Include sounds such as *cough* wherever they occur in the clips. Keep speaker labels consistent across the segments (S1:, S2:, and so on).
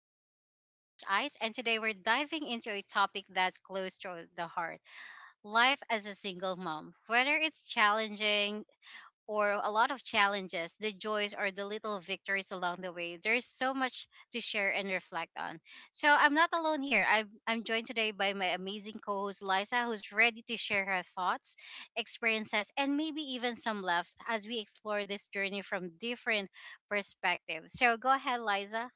S1: And I'm your host Ice, and today we're diving into a topic that's close to the heart. Life as a single mom. Whether it's challenging, or a lot of challenges, the joys, or the little victories along the way. There's so much to share and reflect on. So I'm not alone here. I'm joined today by my amazing co host, Liza, who's ready to share her thoughts, experiences, and maybe even some laughs as we explore this journey from different perspectives. So go ahead, Liza.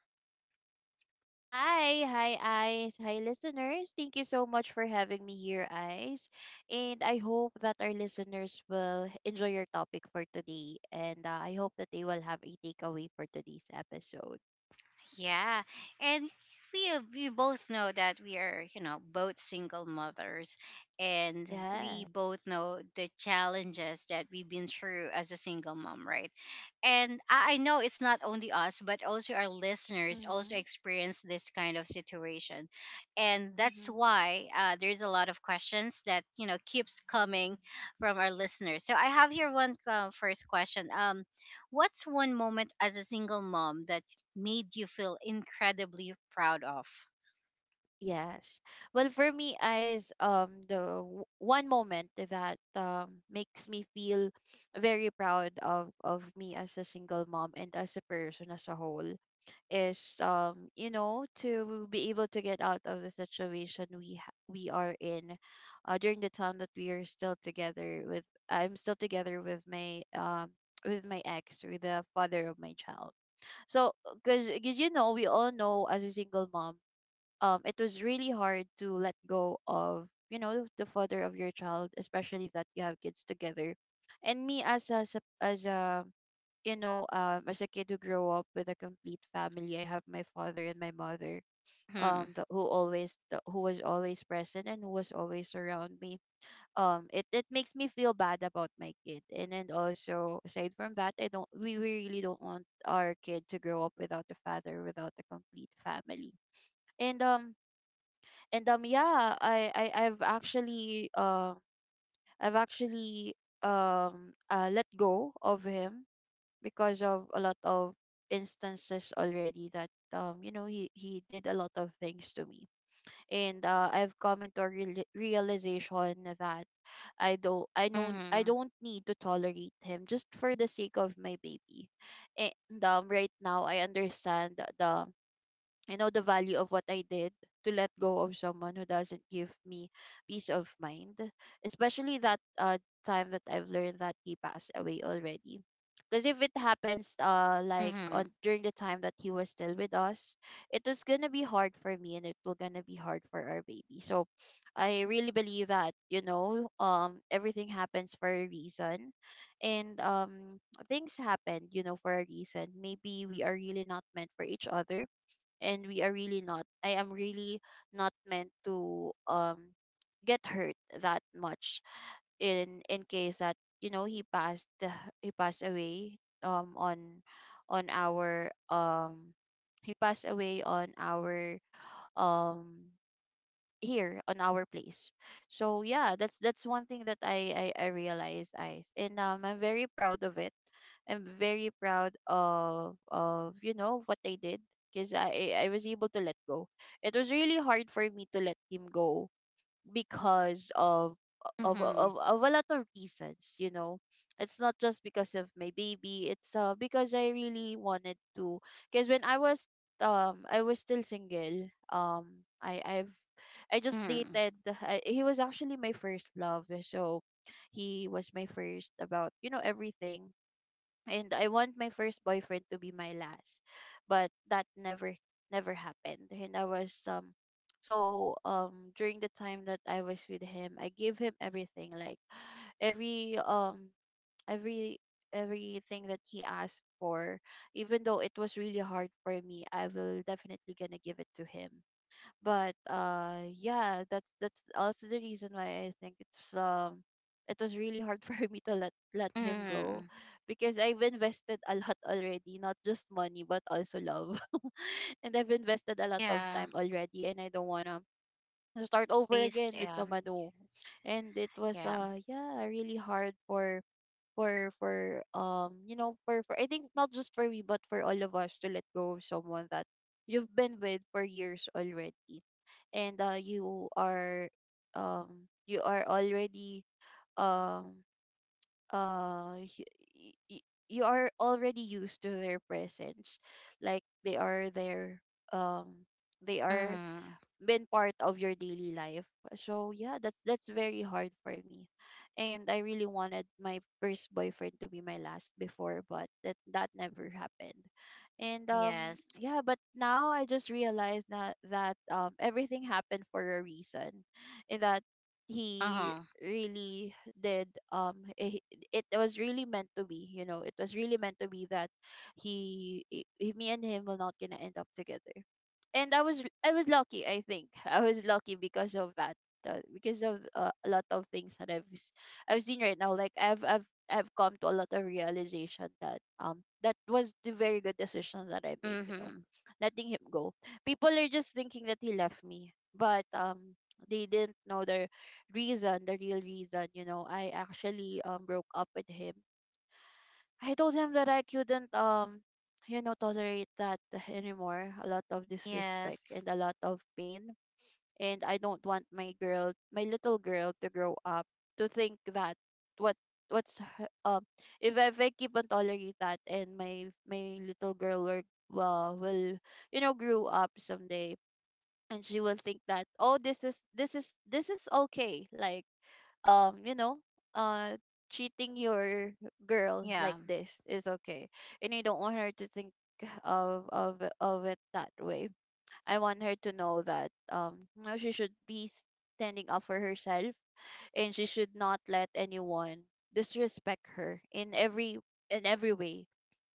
S2: Hi, hi, eyes. Hi, listeners. Thank you so much for having me here, eyes. And I hope that our listeners will enjoy your topic for today. And I hope that they will have a takeaway for today's episode.
S1: Yeah, and we both know that we are, you know, both single mothers, and we
S2: Yeah.
S1: both know the challenges that we've been through as a single mom, right? And I know it's not only us, but also our listeners also
S2: Mm-hmm.
S1: experience this kind of situation, and that's
S2: Mm-hmm.
S1: why there's a lot of questions that you know keeps coming from our listeners. So I have here one first question. What's one moment as a single mom that made you feel incredibly proud of?
S2: Yes. Well, for me, eyes, one moment that makes me feel very proud of me as a single mom and as a person as a whole is, you know, to be able to get out of the situation we are in, during the time that we are still together with... I'm still together with my, with my ex, with the father of my child. So, because you know, we all know, as a single mom, it was really hard to let go of, you know, the father of your child, especially if that you have kids together. And me as as a, you know, as a kid who grew up with a complete family. I have my father and my mother,
S1: Hmm.
S2: the, who was always present and who was always around me. It makes me feel bad about my kid. And then, also aside from that, I don't we really don't want our kid to grow up without a father, without a complete family. and um and yeah, I, I've actually let go of him, because of a lot of instances already that, you know, he did a lot of things to me. And I've come into a realization that i don't i don't i
S1: Mhm.
S2: don't need to tolerate him just for the sake of my baby. And right now I understand the I know the value of what I did, to let go of someone who doesn't give me peace of mind, especially that, time that I've learned that he passed away already. Because if it happens, like,
S1: Mhm.
S2: on during the time that he was still with us, it was gonna be hard for me, and it will gonna be hard for our baby. So, I really believe that, you know, everything happens for a reason. And things happen, you know, for a reason. Maybe we are really not meant for each other, and we are really not — I am really not meant to get hurt that much, in case that, you know, he passed *sighs* he passed away um on on our um he passed away on our, um here on our place. So yeah, that's one thing that I realized, Ice. And I'm very proud of it. I'm very proud of you know what I did, because I was able to let go. It was really hard for me to let him go, because of of
S1: Mhm.
S2: of, of a lot of reasons. You know, it's not just because of my baby, it's because I really wanted to. Because when I was still single, i i've I just
S1: Mhm.
S2: dated... he was actually my first love, so he was my first about, you know, everything. And I want my first boyfriend to be my last, but that never happened. And I was during the time that I was with him, I gave him everything, like *sighs* every um every everything that he asked for, even though it was really hard for me, I will definitely gonna give it to him. But yeah, that's also the reason why I think, it was really hard *laughs* for me to let him go,
S1: Mhm.
S2: because I've invested a lot already, not just money but also love. *laughs* And I've invested a lot of
S1: Yeah.
S2: time already, and I don't want to start over
S1: Based.
S2: again with someone new.
S1: Yes.
S2: And it was,
S1: Yeah.
S2: yeah, really hard for you know, for I think, not just for me but for all of us, to let go of someone that you've been with for years already. And you are already, um you are already used to their presence, like they are there, um they are
S1: Mhm.
S2: been part of your daily life. So yeah, that's very hard for me. And I really wanted my first boyfriend to be my last before, but that never happened. And
S1: Yes.
S2: yeah, but now I just realized that, everything happened for a reason. And that
S1: Uh
S2: he
S1: huh.
S2: really did, it was really meant to be. You know, it was really meant to be that he me and him will not gonna end up together. And I was lucky, I think. *laughs* I was lucky because of that, because of a lot of things that I've seen right now. Like, I've come to a lot of realization that, that was the very good decision that I made. You know,
S1: Mhm.
S2: letting him go. People are just thinking that he left me, but they didn't know the reason, the real reason. You know, I actually broke up with him. I told him that I couldn't, you know, tolerate that *laughs* anymore. A lot of disrespect
S1: Yes.
S2: and a lot of pain. And I don't want my little girl to grow up to think that, what what's her- um if I keep on tolerate that, and my little girl will, will, you know, grow up someday, and she will think that, oh, this is okay. Like, you know, uh treating your girl like
S1: Yeah.
S2: this is okay. And you don't want her to think of it that way. I want her to know that, you know, she should be standing up for herself. And she should not let anyone disrespect her, in every way,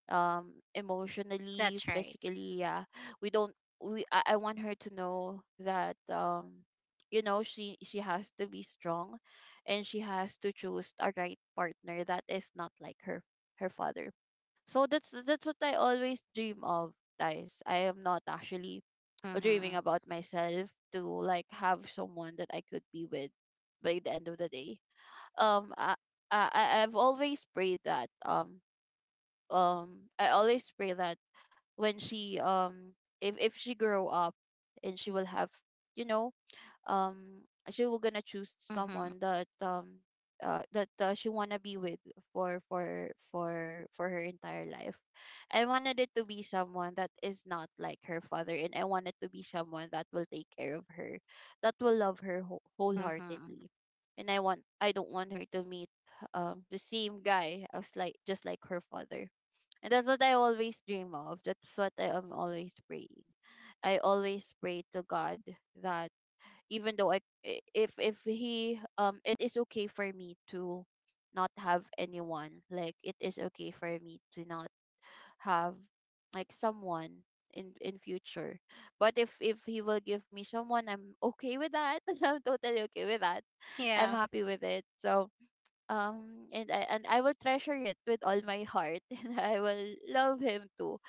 S2: emotionally,
S1: That's right.
S2: physically. Yeah. We don't — we I want her to know that, you know, she has to be strong, and she has to choose a right partner that is not like her father. So that's what I always dream of, guys. I am not actually dreaming
S1: Mhm.
S2: about myself to, like, have someone that I could be with by the end of the day. um i i I- i've always prayed that um I always pray that, when she if she grow up, and she will have, you know, um she will gonna choose
S1: Mhm.
S2: someone that, that, she wanna be with for her entire life. I wanted it to be someone that is not like her father, and I wanted to be someone that will take care of her, that will love her
S1: Mhm.
S2: wholeheartedly. And I don't want her to meet, the same guy as, like, just like her father. And that's what I always dream of. That's what I am always praying. I always pray to God that, even though if he it is okay for me to not have anyone. Like, it is okay for me to not have, like, someone in future. But if he will give me someone, I'm okay with that. *laughs* I'm totally okay with that. I'm
S1: Yeah.
S2: happy with it. So, and I will treasure it with all my heart, *laughs* and I will love him too,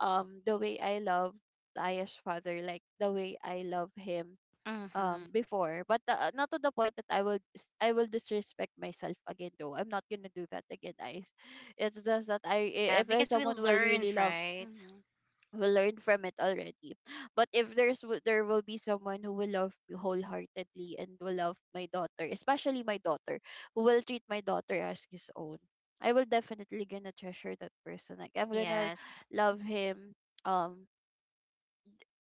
S2: the way I love Aya's father, like the way I love him,
S1: Mhm.
S2: before. But, not to the point that I will disrespect myself again. Though, I'm not gonna do that again, guys. It's just that,
S1: Yeah.
S2: if there's
S1: Because we
S2: someone will really
S1: learned,
S2: love...
S1: right?
S2: Mhm. Will learn from it already. But if there's w- there will be someone who will love me wholeheartedly and will love my daughter, especially my daughter, who will treat my daughter as his own. I will definitely gonna treasure that person. Like, I'm gonna
S1: Yes.
S2: love him. Um,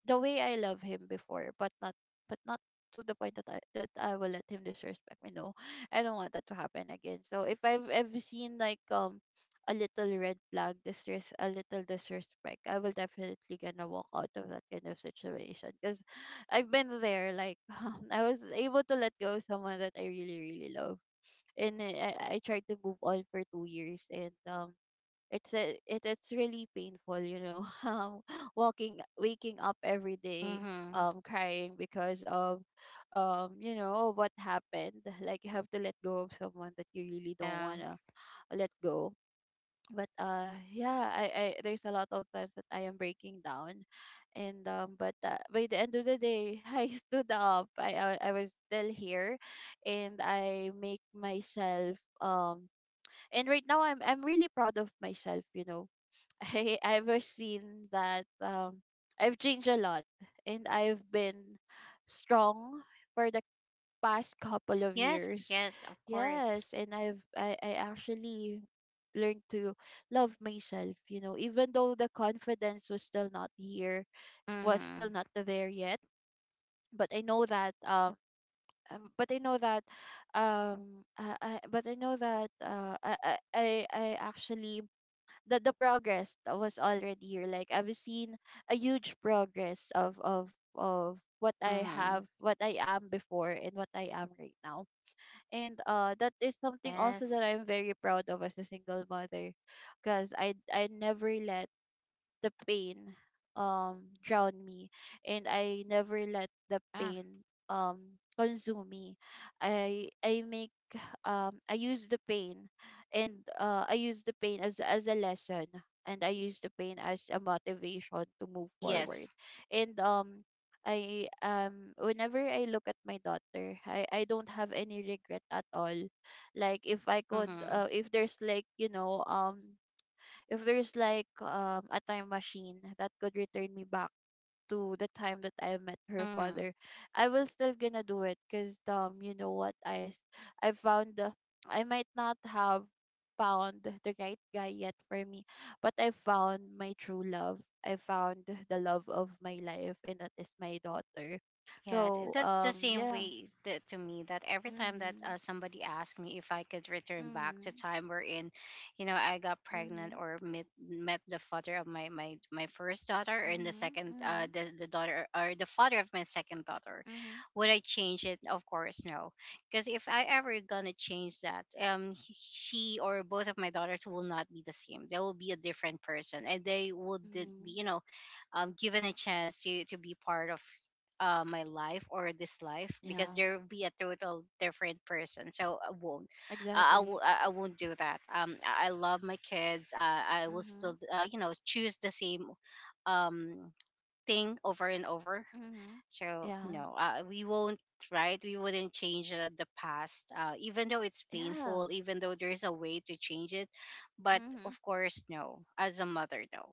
S2: the way I love him before, but not — but not to the point that I will let him disrespect me. No, *laughs* I don't want that to happen again. So if I've ever seen, like, a little red flag, disres a little disrespect, I will definitely gonna walk out of that kind of situation, because *sighs* I've been there. Like *laughs* I was able to let go of someone that I really really love, and I I tried to move on for 2 years, and it's really painful, *laughs* walking waking up every day,
S1: Mhm.
S2: crying because of you know what happened. Like you have to let go of someone that you really don't
S1: Yeah.
S2: want to let go. But yeah, I there's a lot of times that I am breaking down. And but By the end of the day, *laughs* I stood up. I was still here, and I make myself and right now I'm really proud of myself, you know. I ever seen that I've changed a lot, and I've been strong for the past couple of
S1: Yes. Yes.
S2: years.
S1: Of course.
S2: Yes, and I actually learned to love myself, you know, even though the confidence was still not here, was
S1: Mhm.
S2: still not there yet. But I know that but I know that I but I know that I actually the progress that was already here. Like I've seen a huge progress of what I
S1: Mhm.
S2: have, what I am before, and what I am right now. And that is something also that
S1: Yes.
S2: I'm very proud of as a single mother, because I never let the pain drowned me, and I never let the
S1: Ah,
S2: pain consume me. I make I use the pain, and I use the pain as a lesson, and I use the pain as a motivation to move forward.
S1: yes.
S2: And I whenever I look at my daughter, I don't have any regret at all. Like if I could
S1: Mm-hmm.
S2: if there's like, you know, if there's like a time machine that could return me back to the time that I met her
S1: Mm-hmm.
S2: father, I will still gonna do it, because you know what I found the— I might not have found the right guy yet for me, but I found my true love. I found the love of my life, and that is my daughter.
S1: Yeah,
S2: So
S1: that's the same
S2: yeah.
S1: way to me that every time that
S2: Mhm.
S1: somebody asked me if I could return back to
S2: Mhm.
S1: time wherein, you know, I got pregnant
S2: Mhm.
S1: or met the father of my first daughter and the
S2: Mhm.
S1: second,
S2: Mhm.
S1: the daughter or the father of my second daughter,
S2: Mhm.
S1: would I change it? Of course, no. Because if I ever gonna change that, she or both of my daughters will not be the same. They will be a different person, and they would be,
S2: Mhm.
S1: you know, given a chance to be part of my life or this life, because
S2: Yeah.
S1: there will be a total different person, so I won't I w-
S2: Exactly.
S1: I I won't do that. Um, I love my kids. Uh, I will still
S2: Mhm.
S1: you know, choose the same um thing over and over,
S2: Mhm.
S1: so
S2: Yeah.
S1: no we won't, right, we wouldn't change the past, even though it's
S2: Yeah.
S1: painful, even though there's a way to change it, but
S2: Mhm.
S1: of course no, as a mother though,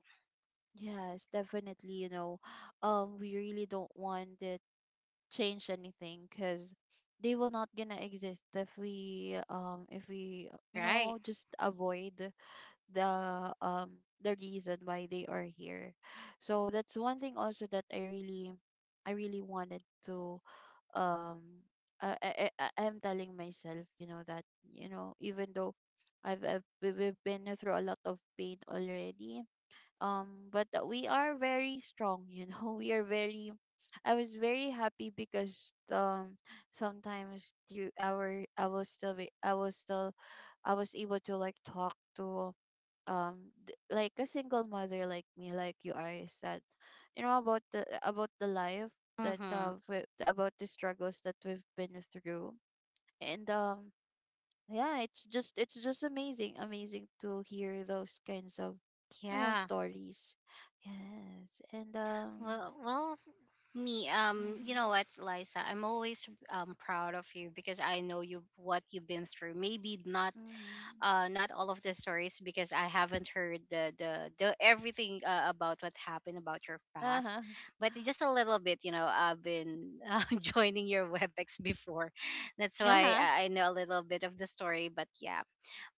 S2: Yes, definitely, you know, *gasps* *sighs* we really don't want to change anything, because they will not gonna exist if we you
S1: right.
S2: know, just avoid the um the reason why they are here. So that's one thing also that I really wanted to, um I, I I am telling myself, you know, that, you know, even though we've been through a lot of pain already, but we are very strong, you know, *laughs* we are very— I was very happy, because sometimes you our I was still— I was able to like talk to, um like a single mother like me, like you are said, you know, about the— about the life that
S1: Mm-hmm.
S2: about the struggles that we've been through. And yeah, it's just— it's just amazing, amazing to hear those kinds of, you know,
S1: Yeah.
S2: stories. Yes, and
S1: Well, well, me, you
S2: mhm,
S1: know what, Liza, I'm always proud of you because I know you what you've been through. Maybe not,
S2: mhm,
S1: not all of the stories, because I haven't heard the everything about what happened about your past,
S2: uh-huh,
S1: but just a little bit. You know, I've been *laughs* joining your WebEx before, that's
S2: *laughs*
S1: why
S2: uh-huh,
S1: I know a little bit of the story. But yeah,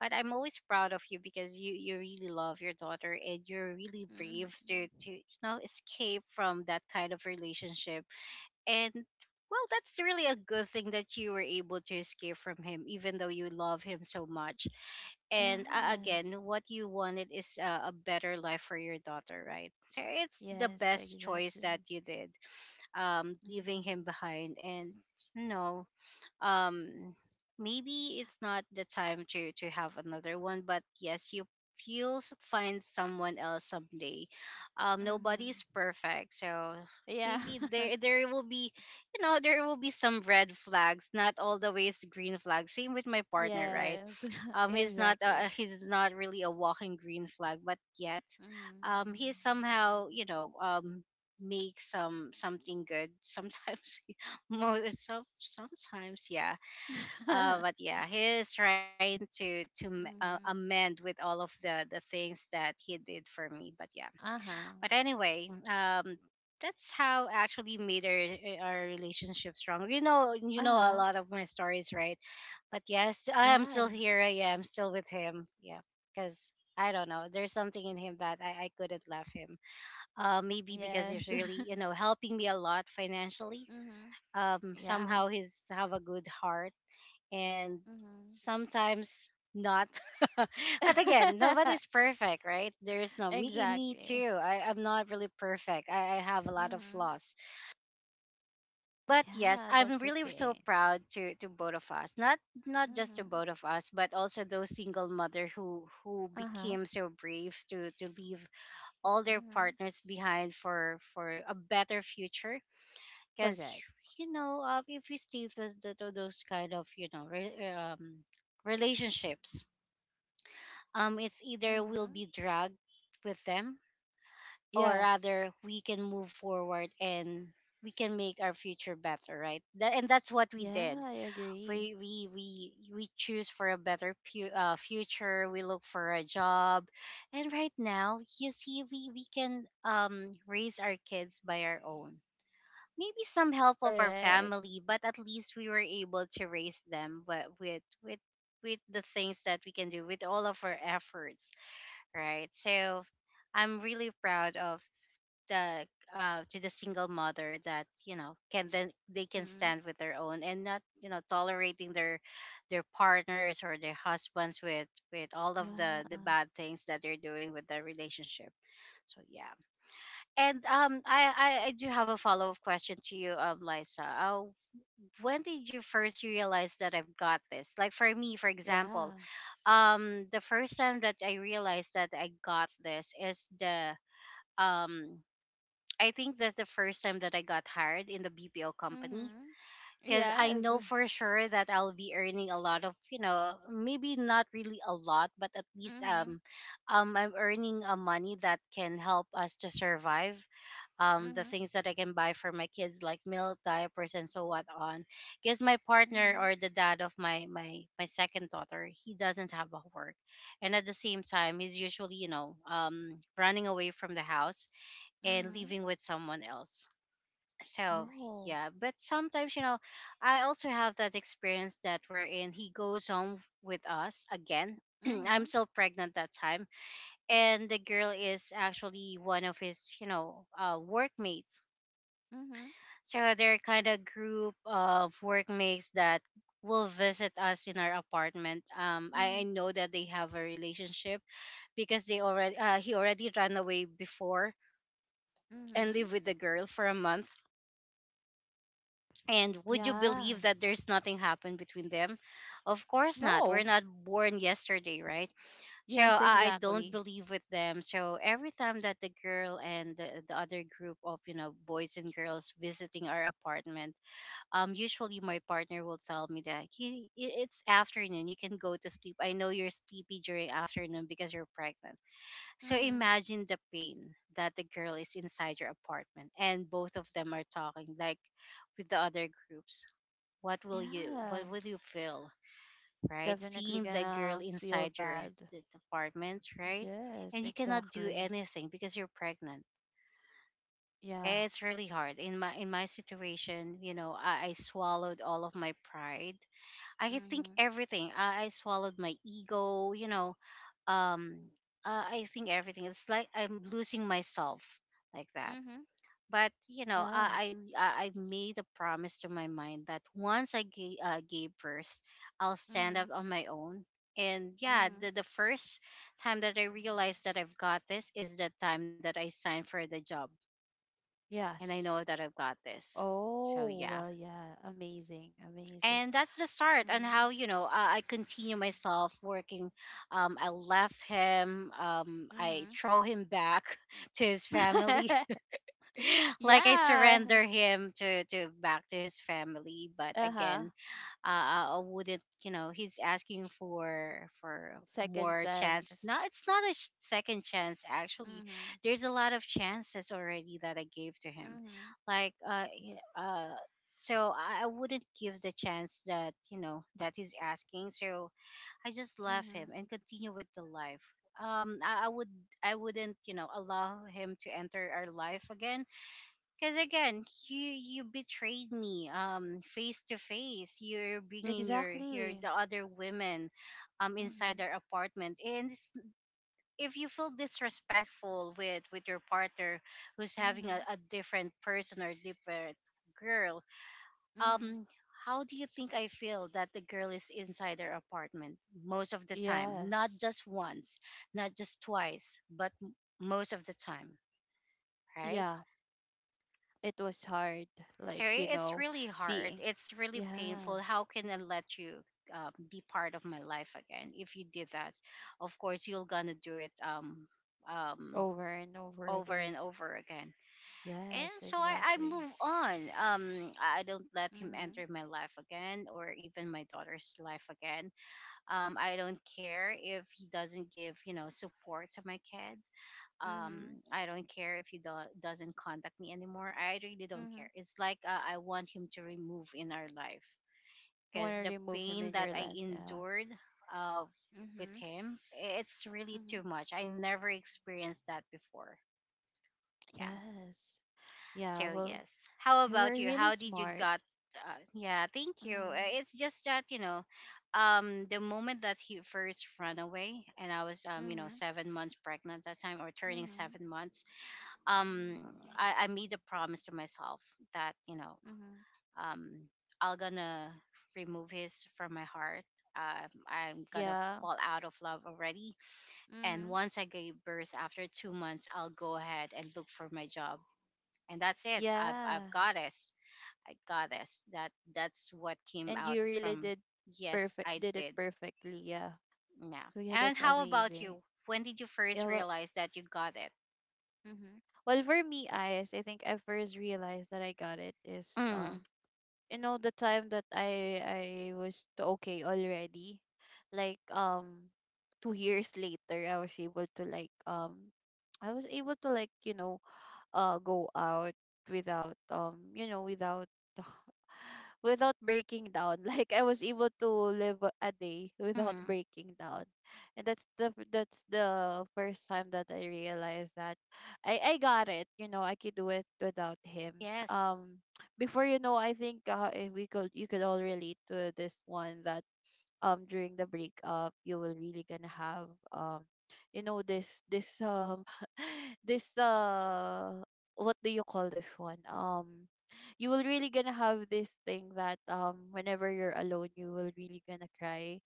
S1: but I'm always proud of you because you really love your daughter and you're really
S2: mhm,
S1: brave to you know escape from that kind of relationship, and well that's really a good thing that you were able to escape from him even though you love him so much, and again
S2: yes,
S1: what you wanted is a better life for your daughter, right, so it's the
S2: yes,
S1: best choice
S2: exactly,
S1: that you did, um, leaving
S2: mhm,
S1: him behind, and no, um, maybe it's not the time to have another one, but yes, you, find someone else someday. Um, nobody's
S2: mhm,
S1: perfect, so
S2: yeah,
S1: maybe
S2: *laughs*
S1: there there will be you know there will be some red flags, not all the ways green flags, same with my partner, right?
S2: yes, *laughs*
S1: Um,
S2: exactly,
S1: he's not really a walking green flag, but yet
S2: mhm,
S1: he somehow you know make some something good sometimes *laughs* most some sometimes yeah but
S2: *laughs*
S1: yeah, he is trying to
S2: mhm,
S1: amend with all of the things that he did for me. But yeah,
S2: uh-huh,
S1: but anyway, that's how actually made our our relationship strong. You know a
S2: uh-huh,
S1: lot of my stories, right? But yes, I am
S2: yeah,
S1: still here. I am still with him. Yeah, because I don't know. There's something in him that I couldn't love him. Maybe because he's
S2: yes, *laughs*
S1: really, you know, helping me a lot financially.
S2: mhm, yeah,
S1: Somehow he's have a good heart, and
S2: mhm.
S1: sometimes not. *laughs* But again,
S2: *laughs*
S1: nobody's perfect, right? There is no me. Me
S2: Exactly.
S1: too. I'm not really perfect. I have a lot of
S2: Mhm.
S1: flaws. But yes,
S2: Yeah,
S1: I'm
S2: that's
S1: really so
S2: okay.
S1: proud to both of us. Not not just to
S2: Mhm.
S1: both of us, but also those single mother who
S2: Uh-huh.
S1: became so brave to leave all their
S2: Mhm.
S1: partners behind for a better future, because
S2: Correct.
S1: you know if we stay with those kind of you know relationships, um, it's either we'll
S2: Mhm.
S1: be dragged with them, or
S2: Yes.
S1: rather we can move forward, and we can make our future better, right, that, and that's what we
S2: Yeah,
S1: did.
S2: I agree.
S1: We choose for a better future, we look for a job, and right now you see we can raise our kids by our own, maybe some helpful for
S2: Correct.
S1: family, but at least we were able to raise them with with the things that we can do with all of our efforts, right? So I'm really proud of the to the single mother that you know can then they can
S2: Mhm.
S1: stand with their own, and not you know tolerating their partners or their husbands with all of the
S2: Yeah.
S1: bad things that they're doing with their relationship. So yeah, and I do have a follow up question to you, Liza. When did you first realize that I've got this? Like for me, for example,
S2: Yeah.
S1: the first time that I realized that I got this is the um, I think that's the first time that I got hired in the BPO company,
S2: Mhm.
S1: because I
S2: Yes.
S1: know for sure that I'll be earning a lot of, you know, maybe not really a lot, but at least
S2: Mhm.
S1: I'm earning a money that can help us to survive. The
S2: Mhm.
S1: things that I can buy for my kids, like milk, diapers, and so what on. Because my partner
S2: Mhm.
S1: or the dad of my second daughter, he doesn't have a work, and at the same time, he's usually, you know, running away from the house and
S2: Mhm.
S1: living with someone else. So
S2: Oh.
S1: yeah, but sometimes you know, I also have that experience that we're in. He goes home with us again. *clears throat* I'm
S2: Mhm.
S1: still pregnant that time, and the girl is actually one of his, you know, workmates.
S2: Mhm.
S1: So they're kind of group of workmates that will visit us in our apartment. I
S2: Mhm.
S1: know that they have a relationship because they already he already ran away before and
S2: Mhm.
S1: lived with the girl for a month. And would you
S2: Yeah.
S1: believe that there's nothing happened between them? Of course not. We're
S2: No.
S1: not born yesterday, right? So
S2: Yes,
S1: I don't
S2: exactly.
S1: believe with them. So every time that the girl and the other group of you know boys and girls visiting our apartment, usually my partner will tell me that he it's afternoon. You can go to sleep. I know you're sleepy during afternoon because you're pregnant. So
S2: Mhm.
S1: imagine the pain that the girl is inside your apartment, and both of them are talking like with the other groups, what will you
S2: Yeah.
S1: feel, right,
S2: Definitely
S1: seeing the girl
S2: gonna feel
S1: inside your
S2: bad.
S1: d- apartment, right,
S2: Yes,
S1: and you cannot do
S2: exactly.
S1: anything because you're pregnant.
S2: Yeah.
S1: It's really hard in my situation. You know, I swallowed all of my pride, I think
S2: Mhm.
S1: everything, I swallowed my ego, you know, um I think everything, it's like I'm losing myself, like that.
S2: Mhm.
S1: But you know
S2: Yeah.
S1: I made a promise to my mind that once gave birth, I'll stand up
S2: Mhm.
S1: on my own. And yeah,
S2: Mhm.
S1: the first time that I realized that I've got this is the time that I signed for the job, and I
S2: Yes.
S1: know that I've got this. So
S2: Oh,
S1: yeah,
S2: well, yeah. Amazing. Amazing.
S1: and that's the start on
S2: Mhm.
S1: how you know I continue myself working, I left him, I
S2: Mhm.
S1: throw him back *laughs* to his family,
S2: *laughs*
S1: *laughs* like I
S2: yeah.
S1: surrender him to back to his family. But
S2: Uh-huh.
S1: again, I wouldn't. You know, he's asking for
S2: Second
S1: more chances.
S2: sense.
S1: Not it's not a second chance. Actually,
S2: Mhm.
S1: there's a lot of chances already that I gave to him.
S2: Mhm.
S1: Like so I wouldn't give the chance that you know that he's asking. So I just left him
S2: Mhm.
S1: and continue with the life. I would I wouldn't allow him to enter our life again because you you betrayed me, face to face. You're bringing your
S2: Exactly.
S1: the other women, inside
S2: Mhm.
S1: their apartment, and if you feel disrespectful with your partner who's having a,
S2: Mhm.
S1: a different person or different girl,
S2: Mhm.
S1: um, how do you think I feel that the girl is inside their apartment most of the time? Not
S2: Yes.
S1: just once, not just twice, most of the time, right?
S2: Yeah. It was hard, like,
S1: Sorry,
S2: you
S1: it's
S2: know,
S1: really hard.
S2: seeing—
S1: It's really
S2: yeah,
S1: painful. How can I let you be part of my life again? If you did that, of course you're gonna do it um
S2: over and over
S1: over
S2: again.
S1: and over again. And
S2: Yes,
S1: so I
S2: exactly.
S1: move on. I don't let him
S2: Mhm.
S1: enter my life again, or even my daughter's life again. I don't care if he doesn't give support to my kid,
S2: Mhm.
S1: I don't care if he doesn't contact me anymore. I really don't care.
S2: Mhm.
S1: It's like I want him to remove in our life
S2: You want
S1: because
S2: to
S1: the
S2: remove him
S1: pain
S2: in
S1: that
S2: your
S1: I
S2: life, yeah.
S1: endured uh, with
S2: Mhm.
S1: him, it's really
S2: Mhm.
S1: too much. I never experienced that before. Yeah.
S2: Yes. Yeah,
S1: So
S2: well,
S1: yes, how
S2: you
S1: about
S2: were
S1: you?
S2: really
S1: How did you
S2: smart.
S1: got yeah, thank you.
S2: Mhm.
S1: It's just that the moment that he first ran away, and I was
S2: Mhm.
S1: 7 months pregnant that time, or turning
S2: Mhm.
S1: 7 months, um I made a promise to myself that
S2: Mhm.
S1: um I'm gonna remove his from my heart, I'm gonna
S2: Yeah.
S1: fall out of love already. And
S2: Mhm.
S1: once I gave birth, after 2 months, I'll go ahead and look for my job, and that's it. I've
S2: Yeah.
S1: got this. I got this. That's what came
S2: And
S1: out
S2: you really
S1: from.
S2: did.
S1: Yes,
S2: Perfect.
S1: I
S2: Did it
S1: did.
S2: perfectly, yeah.
S1: Yeah.
S2: So yeah,
S1: And
S2: that's
S1: how about
S2: amazing.
S1: you? When did you first
S2: Yeah, well,
S1: realize that you got it?
S2: mm-hmm. Well, for me, eyes, I think I first realized that I got it is
S1: Mm,
S2: you know the time that I was okay already, like 2 years later I was able to like I was able to like, you know, go out without you know, without— without breaking down. *laughs* Like I was able to live a day without
S1: mm,
S2: breaking down. And that's the— that's the first time that I realized that I got it. You know, I could do it without him.
S1: yes,
S2: Um before, you know, I think we could you could all relate to this one, that during the breakup you will really gonna have, um you know, this *laughs* this what do you call this one, you will really gonna have this thing that, whenever you're alone, you will really gonna cry.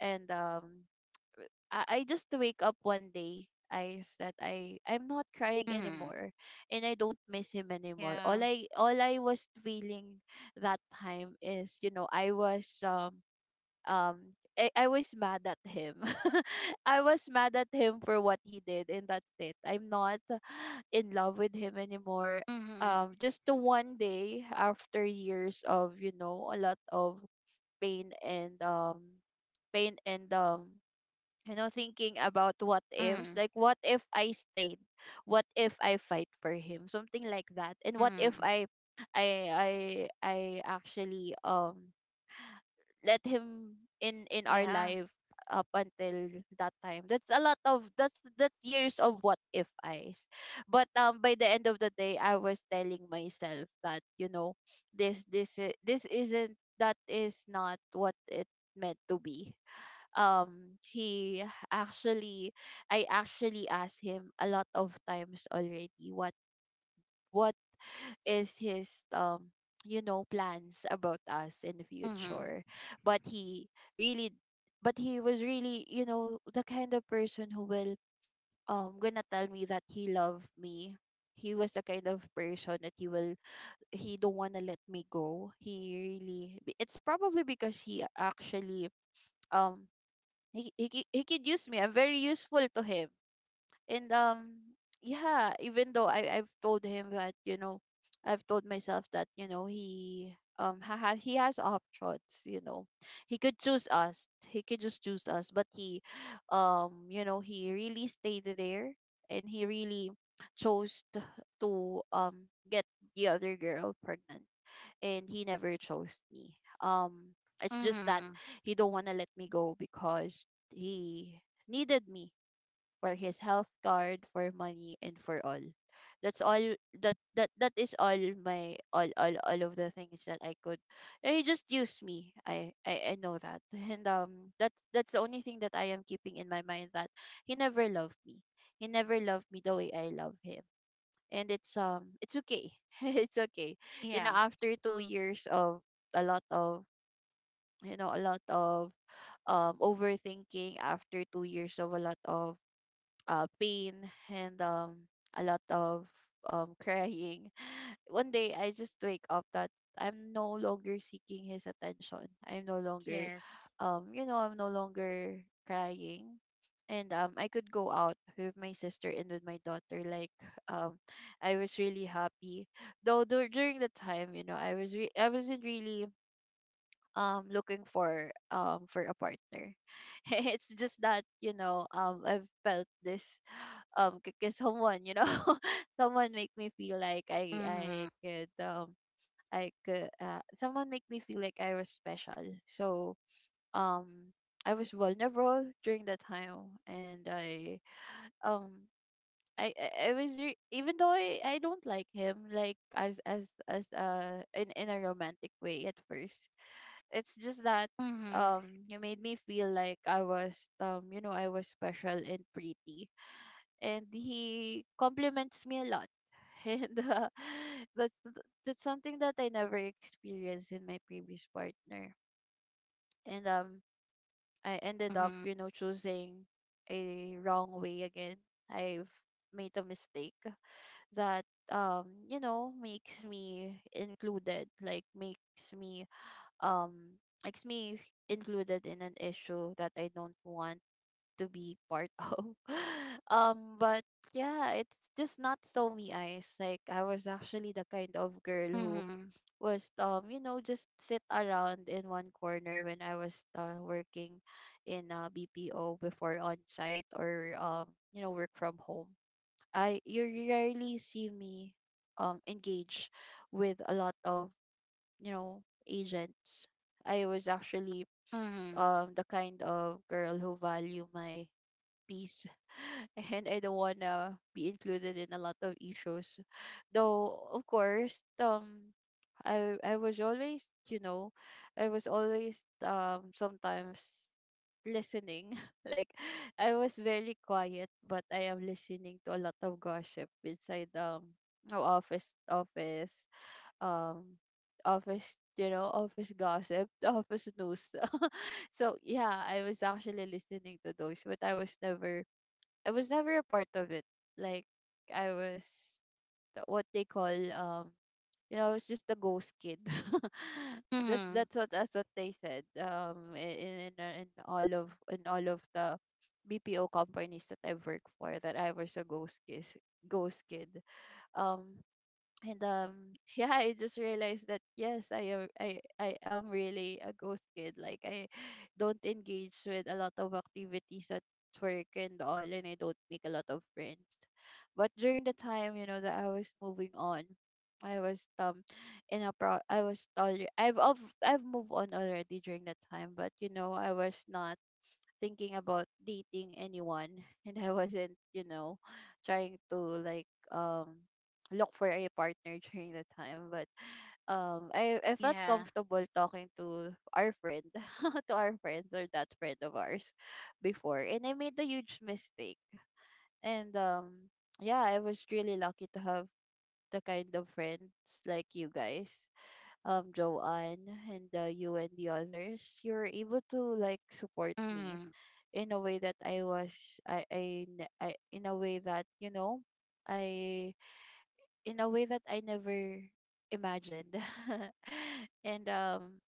S2: And I just wake up one day I that I'm not crying
S1: mm,
S2: anymore, and I don't miss him anymore.
S1: yeah.
S2: All I all I was feeling that time is, you know, um I was mad at him. *laughs* I was mad at him for what he did, and that's it. I'm not *sighs* in love with him anymore.
S1: Mhm.
S2: Um, just the one day, after years of, you know, a lot of pain and pain and um you know, thinking about what ifs,
S1: Mhm.
S2: like what if I stayed? What if I fight for him? Something like that. And what if
S1: Mhm.
S2: I I actually let him in— in our
S1: Yeah.
S2: life up until that time. That's a lot of— that's years of what if I's. But by the end of the day, I was telling myself that, you know, this— this isn't— that is not what it meant to be. He actually I actually asked him a lot of times already what— what is his, you know, plans about us in the
S1: Mhm.
S2: future. But he really but he was really, you know, the kind of person who will gonna tell me that he loved me. He was the kind of person that he will— he don't want to let me go. It's probably because he actually, um he could use me. I'm very useful to him. And yeah, even though I've told him that, you know, I've told myself that, you know, he has options, you know. He could choose us. He could just choose us. But he you know, he really stayed there, and he really chose to— to get the other girl pregnant, and he never chose me. um it's just that
S1: Mhm.
S2: he don't want to let me go because he needed me for his health card, for money, and for all. That's all— that that that is all my— all of the things that I could. And he just used me. I know that. *laughs* and that's— that's the only thing that I am keeping in my mind, that he never loved me. He never loved me the way I love him. And it's okay. *laughs* it's okay. You
S1: Yeah.
S2: know, after 2 years of a lot of— you know, a lot of overthinking, after 2 years of a lot of pain, and a lot of crying, one day I just wake up that I'm no longer seeking his attention. I'm no longer,
S1: Yes.
S2: you know, I'm no longer crying. And I could go out with my sister and with my daughter. Like, *laughs* um, I was really happy. Though, during the time, you know, I wasn't really looking for a partner. *laughs* it's just that, you know, I've felt this because someone, you know, *laughs* someone make me feel like I
S1: Mhm.
S2: could someone make me feel like I was special. So um I was vulnerable during that time, and um even though I don't like him like as in— in a romantic way at first. It's just that,
S1: Mhm.
S2: you made me feel like I was, you know, I was special and pretty, and he compliments me a lot. *laughs* and *laughs* that's— that's something that I never experienced in my previous partner. And I ended up,
S1: Mhm.
S2: you know, choosing a wrong way again. I've made a mistake that, you know, makes me included, like um makes me included in an issue that I don't want to be part *laughs* of. But yeah, it's just not so me, eyes. Like I was actually the kind of girl who
S1: Mhm.
S2: was, you know, just sit around in one corner when I was working in BPO before on site, or you know, work from home. I You rarely see me engage with a lot of, you know, agents. I was actually
S1: Mhm.
S2: the kind of girl who value my peace *laughs* and I don't wanna be included in a lot of issues. Though of course, I was always, you know, I was always sometimes listening. *laughs* Like I was very quiet, but I am listening to a lot of gossip inside, no office, um office, you know, office gossip, *laughs* office news. *laughs* So yeah, I was actually listening to those, but I was never, I was never a part of it. Like I was what they call, you know, I was just a ghost kid. *laughs* that's
S1: Mhm.
S2: that's what they said, in all of the BPO companies that I've worked for, that I was a ghost kid, ghost kid. Um and *laughs* yeah, I just realized that yes, I am, I am really a ghost kid. Like I *sighs* don't engage with a lot of activities at work and all, and I don't make a lot of friends. But during the time, you know, that I was moving on, I was in a pro I was already I've moved on already during that time, but you know, I was not thinking about dating anyone. *laughs* And I wasn't, you know, trying to like look for a partner during the time. But I felt
S1: Yeah.
S2: comfortable talking to our friend, *laughs* to our friends, or that friend of ours before. And I made a huge mistake. And Yeah, I was really lucky to have the kind of friends like you guys, Joanne and you and the others. You are able to like support me
S1: Mhm.
S2: in a way that I was, I ne- I in a way that, you know, I, in a way that I never imagined. *laughs* and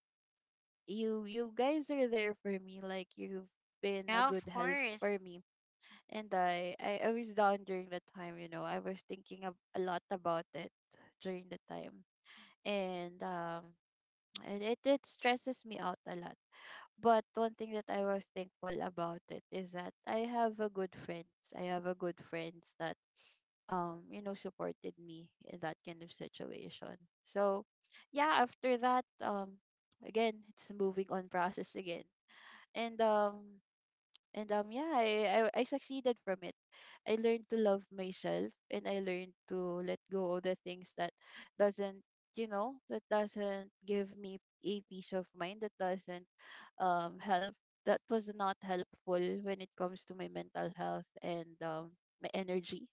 S2: You, you guys are there for me. Like you've been a
S1: Yeah,
S2: good
S1: of
S2: help
S1: course.
S2: for me, and I was down during the time. You know, I was thinking a lot about it during the time. and um and it stresses me out a lot. But one thing that I was thankful about it is that I have a good friends. I have a good friends that you know, supported me in that kind of situation. So yeah, after that, again, it's a moving on process again. And um and yeah, I succeeded from it. I learned to love myself, and I learned to let go of the things that doesn't, you know, that doesn't give me a peace of mind, that doesn't help that was not helpful when it comes to my mental health and my energy.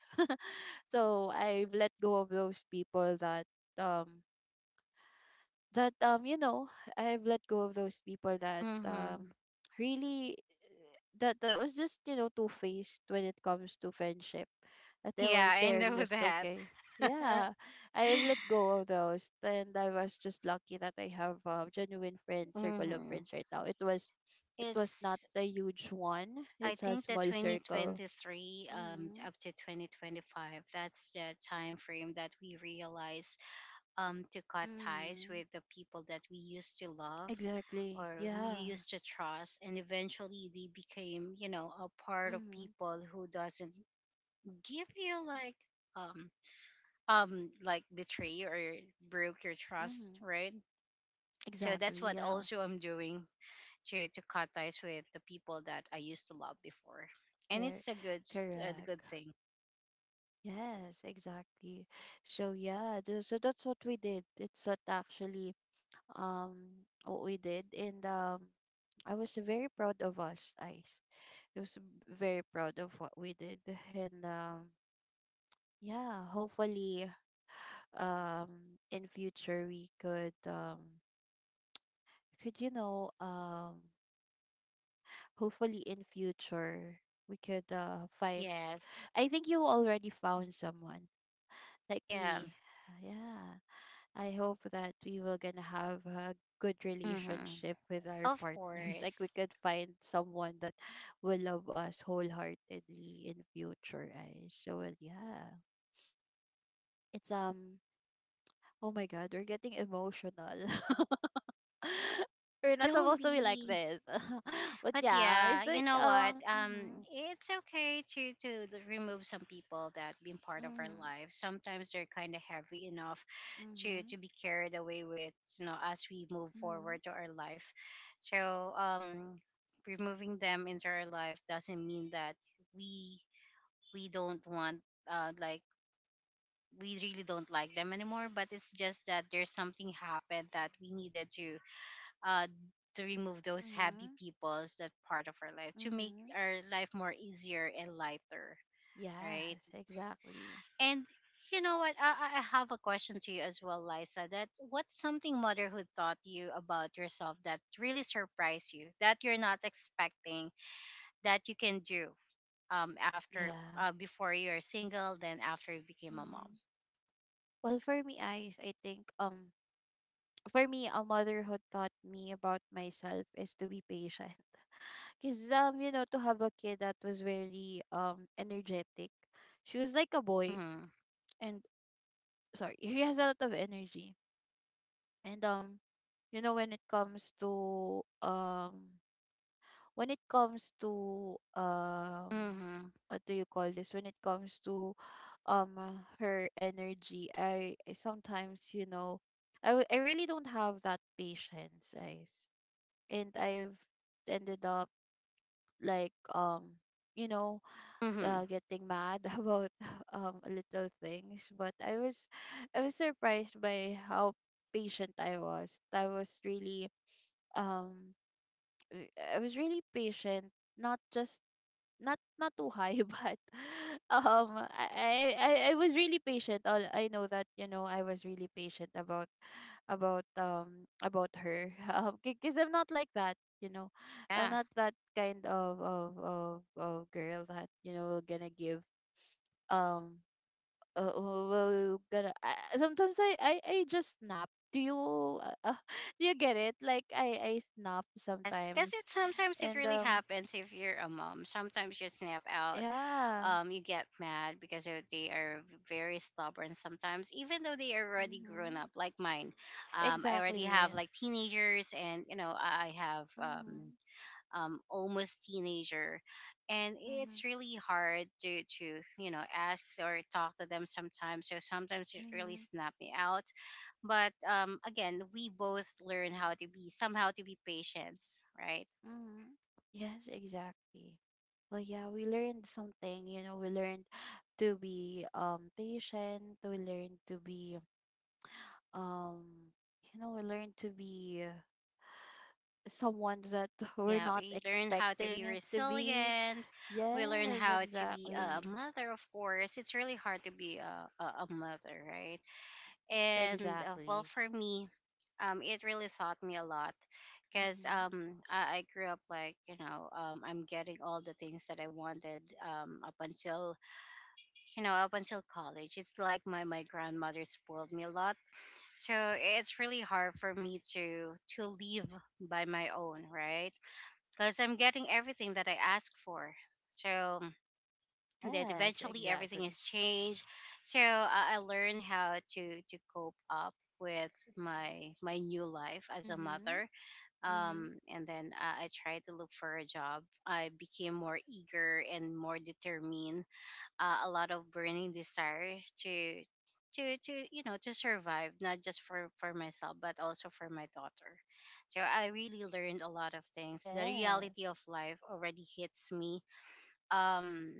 S2: So I've let go of those people that um you know, I've let go of those people that
S1: Mhm.
S2: really, that was just, you know, two faced when it comes to friendship, that they were,
S1: Yeah, I
S2: they're
S1: know
S2: just
S1: that.
S2: okay.
S1: *laughs*
S2: Yeah, I've let go of those, and I was just lucky that I have a genuine friend circle of
S1: Mhm.
S2: friends right now. It was, it was not
S1: It's
S2: a huge one.
S1: I
S2: It's a
S1: think that
S2: small circle.
S1: 2023,
S2: Mm-hmm.
S1: to up to 2025, that's the time frame that we realize, to cut ties
S2: Mm-hmm.
S1: with the people that we used to love
S2: Exactly,
S1: or who you
S2: yeah.
S1: used to trust. And eventually they became, you know, a part of
S2: Mm-hmm.
S1: people who doesn't give you um, like betray or broke your trust,
S2: Mm-hmm.
S1: right? So
S2: Exactly,
S1: that's what
S2: yeah.
S1: also I'm doing, to cut ties with the people that I used to love before, and
S2: Cor-
S1: it's a
S2: Correct.
S1: good thing.
S2: Yes, exactly. So yeah, so that's what we did. It's what actually, what we did. And I was very proud of us, Ice. I was very proud of what we did. And yeah, hopefully in future we could you know, hopefully in future we could find.
S1: Yes.
S2: I think you already found someone like
S1: Yeah.
S2: me. Yeah. I hope that we will gonna have a good
S1: Mm-hmm.
S2: relationship with our
S1: Of
S2: partners. *laughs* Like we
S1: course.
S2: could find someone that will love us wholeheartedly in future. I so well, yeah. It's oh my God, we're getting emotional. *laughs* We're not
S1: Don't
S2: supposed to be like
S1: be.
S2: this. *laughs* But
S1: But
S2: yeah,
S1: yeah,
S2: it's
S1: you
S2: like
S1: know what?
S2: mhm.
S1: It's okay to remove some people that been part of our lives. Sometimes they're kind of heavy enough to
S2: Mhm.
S1: be carried away with, you know, as we move
S2: Mhm. Mhm.
S1: forward to our life. So removing them into our life doesn't mean that we we don't want like we really don't like them anymore, but it's just that there's something happened that we needed uh to remove those happy
S2: Mhm.
S1: peoples that part of our life to make
S2: Mhm.
S1: our life more easier and lighter, right?
S2: Yes, exactly,
S1: And you know what, I, I have a question to you as well, Lisa, that what's something motherhood taught you about yourself that really surprised you that you're not expecting that you can do after
S2: yeah.
S1: before you're single, then after you became a mom.
S2: Mhm. Well, for me, I think for me, a motherhood taught me about myself is to be patient. Cause you know, to have a kid that was very energetic. She was like a boy.
S1: Mm-hmm.
S2: And sorry, *laughs* she has a lot of energy. And you know, when it comes to,
S1: Mm-hmm.
S2: what do you call this, when it comes to, um uh, her energy, I sometimes, you know, I really don't have that patience, guys. And I've ended up like, you know,
S1: Mm-hmm.
S2: getting mad *laughs* about little things. But I was, I was surprised by how patient I was. I was really um i I was really patient, not just, not too high, *laughs* but I was really patient. All I know that, you know, I was really patient about, about her. *laughs* Because I'm not like that, you know. I'm
S1: Yeah.
S2: not that kind of of girl that, you know, gonna give, um well gonna, sometimes I just snap. Do you uh, uh, *laughs* do you get it? Like I snap
S1: Because it
S2: sometimes.
S1: sometimes it
S2: And
S1: really happens if you're a mom. Sometimes you snap out.
S2: yeah.
S1: You get mad because they are very stubborn sometimes, even though they are already grown
S2: Mm-hmm.
S1: up, like mine. I already have
S2: Exactly.
S1: like teenagers, and you know I have
S2: Mhm.
S1: almost teenager, and it's
S2: Mhm.
S1: really hard to you know ask or talk to them sometimes, so sometimes it really
S2: Mhm.
S1: snap me out. But again, we both learn how to be somehow to be patient, right?
S2: Mhm. Yes, exactly. Well, yeah, we learned something. You know, we learned to be patient. We learned to be um you know, we learned to be someone that *laughs* we're
S1: Yeah,
S2: not
S1: we learn how to
S2: expecting
S1: be
S2: it to be.
S1: resilient. We learn
S2: Yes,
S1: how to be
S2: exactly.
S1: a mother. Of course it's really hard to be a mother, right? And well,
S2: Exactly.
S1: for me, it really taught me a lot because
S2: Mhm.
S1: I grew up like you know I'm getting all the things that I wanted up until up until college. It's like my grandmother spoiled me a lot, so it's really hard for me to live by my own, right? Because I'm getting everything that I ask for. So then
S2: Yes,
S1: eventually everything
S2: exactly.
S1: has changed, so I learned how to cope up with my new life as a
S2: Mhm.
S1: mother,
S2: Mhm.
S1: and then I tried to look for a job. I became more eager and more determined, a lot of burning desire to you know to survive, not just for myself but also for my daughter. So I really learned a lot of things. The
S2: Yes.
S1: reality of life already hits me, um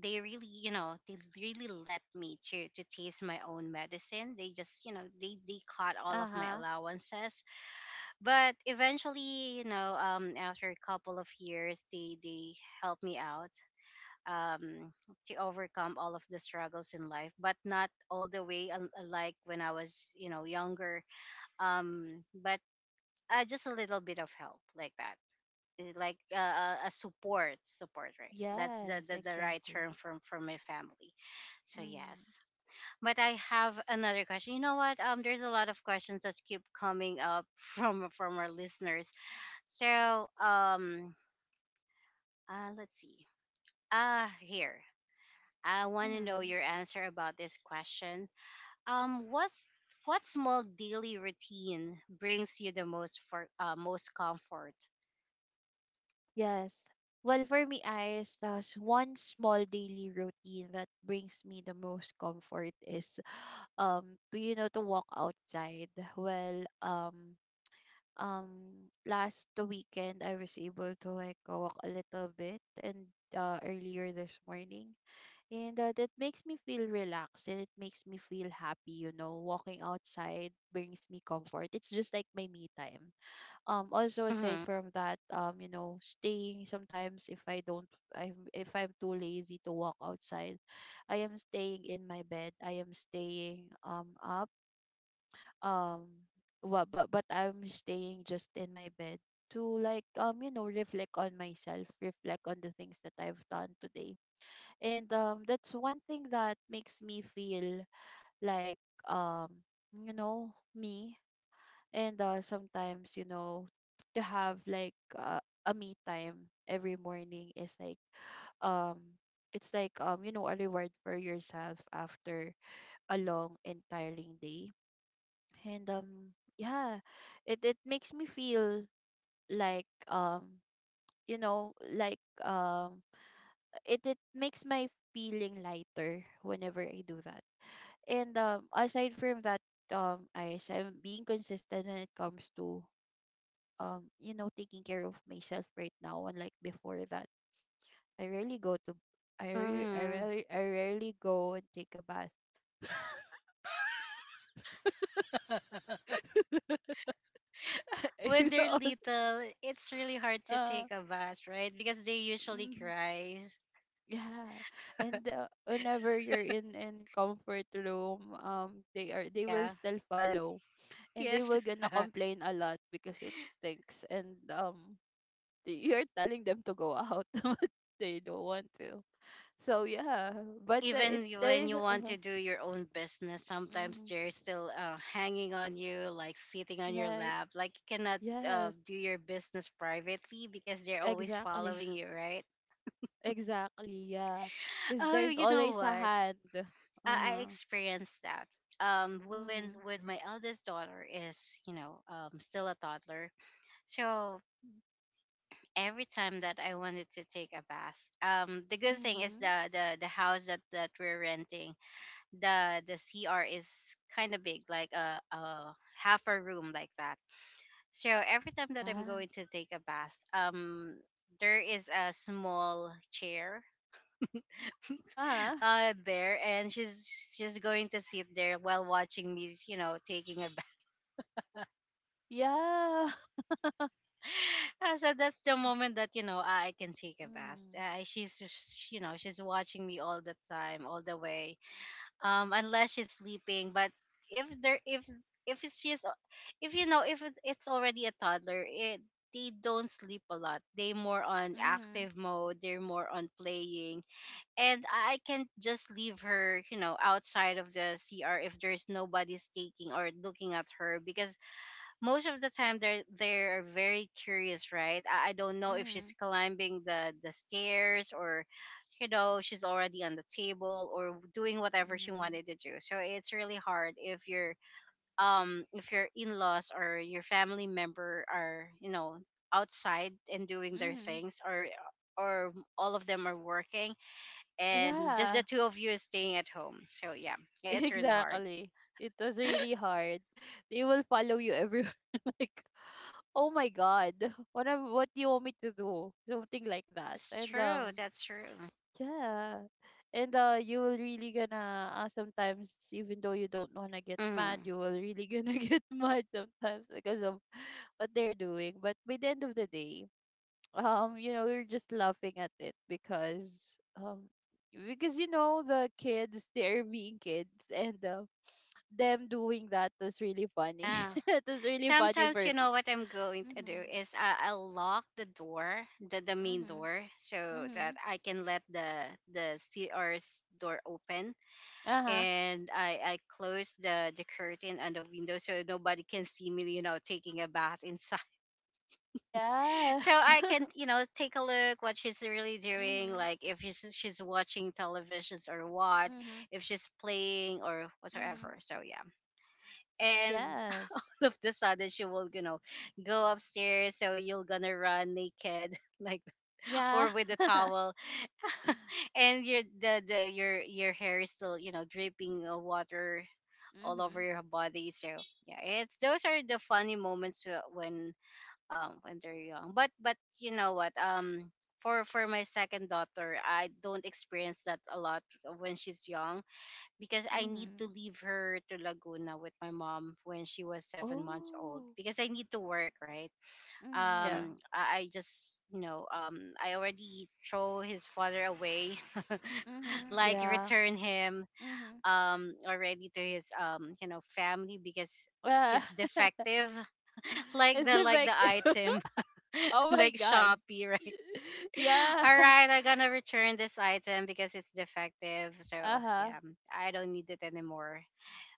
S1: they really you know they really let me to taste my own medicine. They just you know they cut all of my
S2: Uh-huh.
S1: allowances, but eventually you know after a couple of years, they helped me out um to overcome all of the struggles in life, but not all the way like when I was you know younger, but just a little bit of help like that. It's like a support, right? That's
S2: Yes,
S1: the right
S2: exactly.
S1: term from my family. So
S2: Mm-hmm.
S1: yes. But I have another question. You know what, there's a lot of questions that keep coming up *laughs* from our listeners. So let's see, here. I want to know
S2: Mm-hmm.
S1: your answer about this question. um what's what small daily routine brings you the most for most comfort?
S2: Yes. Well, for me, Ice, there's one small daily routine that brings me the most comfort, is to, you know, to walk outside. Well, last weekend I was able to like walk a little bit, and earlier this morning. And that makes me feel relaxed, and it makes me feel happy. You know, walking outside brings me comfort. It's just like my me time. Also, aside
S1: Mm-hmm.
S2: from that, you know, staying, sometimes if I don't, I if I'm too lazy to walk outside, I am staying in my bed. I am staying up um what, but I'm staying just in my bed to like, you know, reflect on myself, reflect on the things that I've done today. And that's one thing that makes me feel like, um you know, me. And sometimes, you know, to have like a me time every morning is like, um it's like, you know, a reward for yourself after a long and tiring day. And yeah, it makes me feel like, you know, like it, it makes my feeling lighter whenever I do that. And aside from that, I'm being consistent when it comes to, you know, taking care of myself right now, unlike before, that I rarely go to,
S1: Mm-hmm.
S2: I rarely go and take a bath. *laughs*
S1: *laughs* When they're
S2: Because,
S1: little, it's really hard to
S2: uh,
S1: take a bath, right? Because they usually
S2: mm,
S1: cries.
S2: yeah. And whenever you're in comfort room, they are, they will
S1: Yeah.
S2: still follow, and they
S1: Yes.
S2: will gonna
S1: *laughs*
S2: complain a lot because it stinks. And *laughs* you're telling them to go out, *laughs* but they don't want to. So yeah, but
S1: Even
S2: it
S1: when
S2: they.
S1: you want
S2: *laughs*
S1: to do your own business, sometimes
S2: Mm-hmm.
S1: they're still hanging on you, like sitting on your
S2: Like,
S1: lap. Like you cannot
S2: yes,
S1: do your business privately because they're always
S2: exactly. *laughs*
S1: following you, right?
S2: Exactly, yeah. Because
S1: Oh,
S2: there's
S1: you know
S2: always a
S1: what?
S2: hand.
S1: I
S2: Uh-huh.
S1: experienced that. When
S2: Mm-hmm.
S1: my eldest daughter is, you know, still a toddler, so every time that I wanted to take a bath. The good thing is
S2: Mm-hmm.
S1: the house that we're renting, the CR is kind of big, like a half a room like that. So every time that I'm
S2: Yeah.
S1: going to take a bath, there is a small chair
S2: Ah,
S1: there, and she's going to sit there while watching me, you know, taking a *laughs* bath.
S2: yeah. *laughs*
S1: So that's the moment that you know I can take a bath.
S2: Mm-hmm.
S1: She's just, you know, she's watching me all the time, all the way. Unless she's sleeping, but if there if she's if you know, if it's already a toddler, it they don't sleep a lot. They more on
S2: Mm-hmm.
S1: active mode. They're more on playing, and I can just leave her, you know, outside of the CR if there's nobody's taking or looking at her, because most of the time they're very curious, right? I don't know if
S2: Mm-hmm.
S1: she's climbing the stairs, or you know she's already on the table, or doing whatever she
S2: Mm-hmm.
S1: wanted to do. So it's really hard if your in-laws or your family member are you know outside and doing their
S2: Mm-hmm.
S1: things, or all of them are working, and just
S2: Yeah,
S1: the two of you is staying at home. So yeah,
S2: *laughs*
S1: yeah, it's really hard.
S2: exactly. It was really hard. They will follow you everywhere. *laughs* Like, oh my God, what, what do you want me to do? Something like that.
S1: It's
S2: And,
S1: true. That's true.
S2: yeah. And you will really gonna, sometimes even though you don't wanna get mad,
S1: Hmm.
S2: you will really gonna *laughs* get mad sometimes because of what they're doing. But by the end of the day, you know, you're just laughing at it, because you know, the kids, *laughs* they're being kids. And them doing that was really funny.
S1: Yeah,
S2: *laughs* It was really funny
S1: sometimes
S2: for
S1: you
S2: me.
S1: know what I'm going to do
S2: Mhm.
S1: is I'll lock the door, the main
S2: Mhm.
S1: door, so that
S2: Mhm.
S1: I can let the CR's door open,
S2: Uh-huh.
S1: and I close the curtain on the window, so nobody can see me, you know, taking a bath inside. *laughs*
S2: Yeah.
S1: So I can
S2: *laughs*
S1: you know take a look what she's really doing,
S2: Mhm.
S1: like if she's watching televisions, or what,
S2: Mhm.
S1: if she's playing or
S2: Mhm.
S1: whatsoever. So yeah, and
S2: Yes.
S1: *laughs* all of the sudden she will you know go upstairs, so you're gonna run naked *laughs* like
S2: Yeah.
S1: or with a
S2: *laughs*
S1: towel, and your the your hair is still you know dripping water all over
S2: Mhm.
S1: your body. So yeah, it's those are the funny moments when they're young. But you know what, for my second daughter, I don't experience that a lot when she's young, because I need to
S2: Mhm.
S1: leave her to Laguna with my mom when she was 7 months old
S2: Oh.
S1: because I need to work, right?
S2: Mhm. Yeah.
S1: I just, you know, I already throw his father away, *laughs*
S2: Mhm.
S1: like
S2: Yeah.
S1: return him,
S2: Mhm.
S1: already to his, you know, family because
S2: Yeah.
S1: he's
S2: *laughs*
S1: defective, *laughs*
S2: It's
S1: like the
S2: effective.
S1: item,
S2: *laughs*
S1: *laughs*
S2: Oh my
S1: like
S2: God.
S1: Shopee, right?
S2: *laughs*
S1: *laughs*
S2: Yeah.
S1: All right, I'm gonna return this item because it's defective. So
S2: Uh huh.
S1: yeah, I don't need it anymore.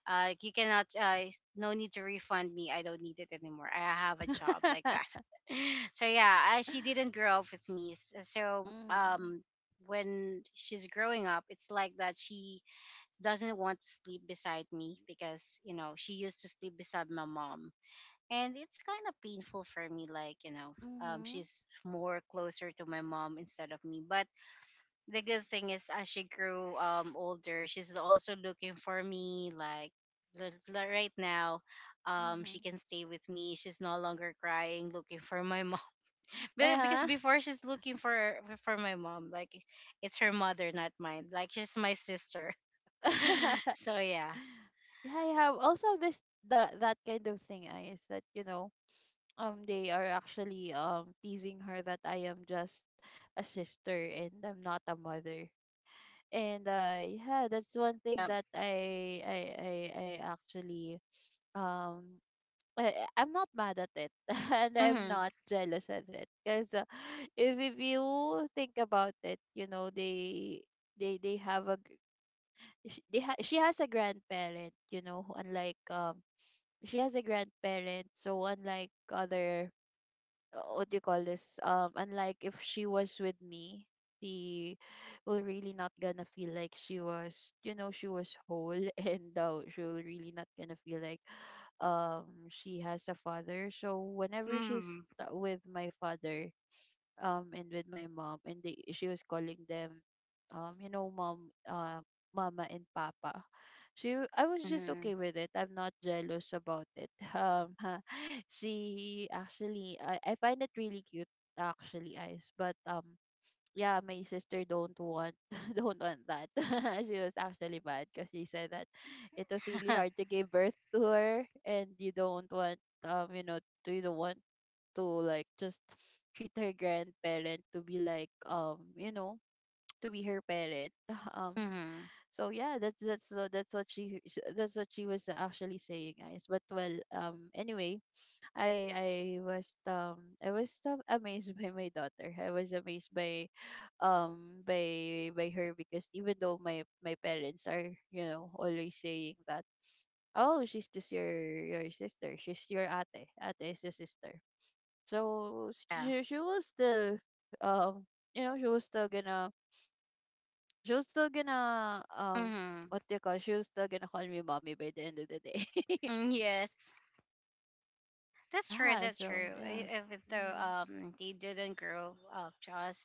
S1: You cannot, no need to refund me. I don't need it anymore. I have a job like that.
S2: *laughs*
S1: *laughs* So yeah, I, she didn't grow up with me. S- So
S2: Mhm.
S1: um, when she's growing up, it's like that she doesn't want to sleep beside me because you know she used to sleep beside my mom. And it's kind of painful for me, like
S2: Mhm.
S1: she's more closer to my mom instead of me. But the good thing is as she grew older she's also looking for me like right now she
S2: Mhm.
S1: can stay with me, she's no longer crying looking for my mom. *laughs*
S2: Uh
S1: Because
S2: huh.
S1: before she's looking for my mom, like it's her mother not mine, like she's my sister. *laughs*
S2: *laughs*
S1: So yeah.
S2: Yeah. I have also this, that, that kind of thing. I Is that, you know, they are actually teasing her that I am just a sister and I'm not a mother. And yeah, that's one thing
S1: Yep.
S2: that I actually um I'm not mad at it *laughs* and I'm
S1: Mhm.
S2: not jealous at it because if you think about it, you know they have a gr- sh- they ha- she has a grandparent, you know, who unlike she has a grandparent, so unlike other what do you call this unlike if she was with me she will really not gonna feel like she was she was whole *laughs* and she'll really not gonna feel like she has a father, so whenever
S1: Mhm.
S2: with my father and with my mom, and they she was calling them you know mom, mama and papa. She I was just
S1: Mhm.
S2: okay with it. I'm not jealous about it. *laughs* She actually, I find it really cute actually eyes, but yeah, my sister don't want *laughs* don't want that. *laughs* She was actually mad because she said that it was really
S1: *laughs*
S2: hard to give birth to her, and you don't want you know do you don't want to like just treat her grandparent to be like you know to be her parent. *laughs* um
S1: Mhm.
S2: so yeah, that's what that's what she was actually saying, guys. But well, anyway, I was I was amazed *laughs* by my daughter. I was amazed by her because even though my parents are, you know, always saying that oh, she's just your sister, she's your ate, ate is a sister.
S1: Yeah.
S2: She was still um you know she was still gonna,
S1: Mhm.
S2: what do you call, she was still gonna call me mommy by the end of the day.
S1: Mm, yes,
S2: *laughs*
S1: that's true.
S2: Yeah.
S1: That's
S2: So
S1: true. E-
S2: yeah.
S1: Even though
S2: Mhm.
S1: they didn't grow up, Josh,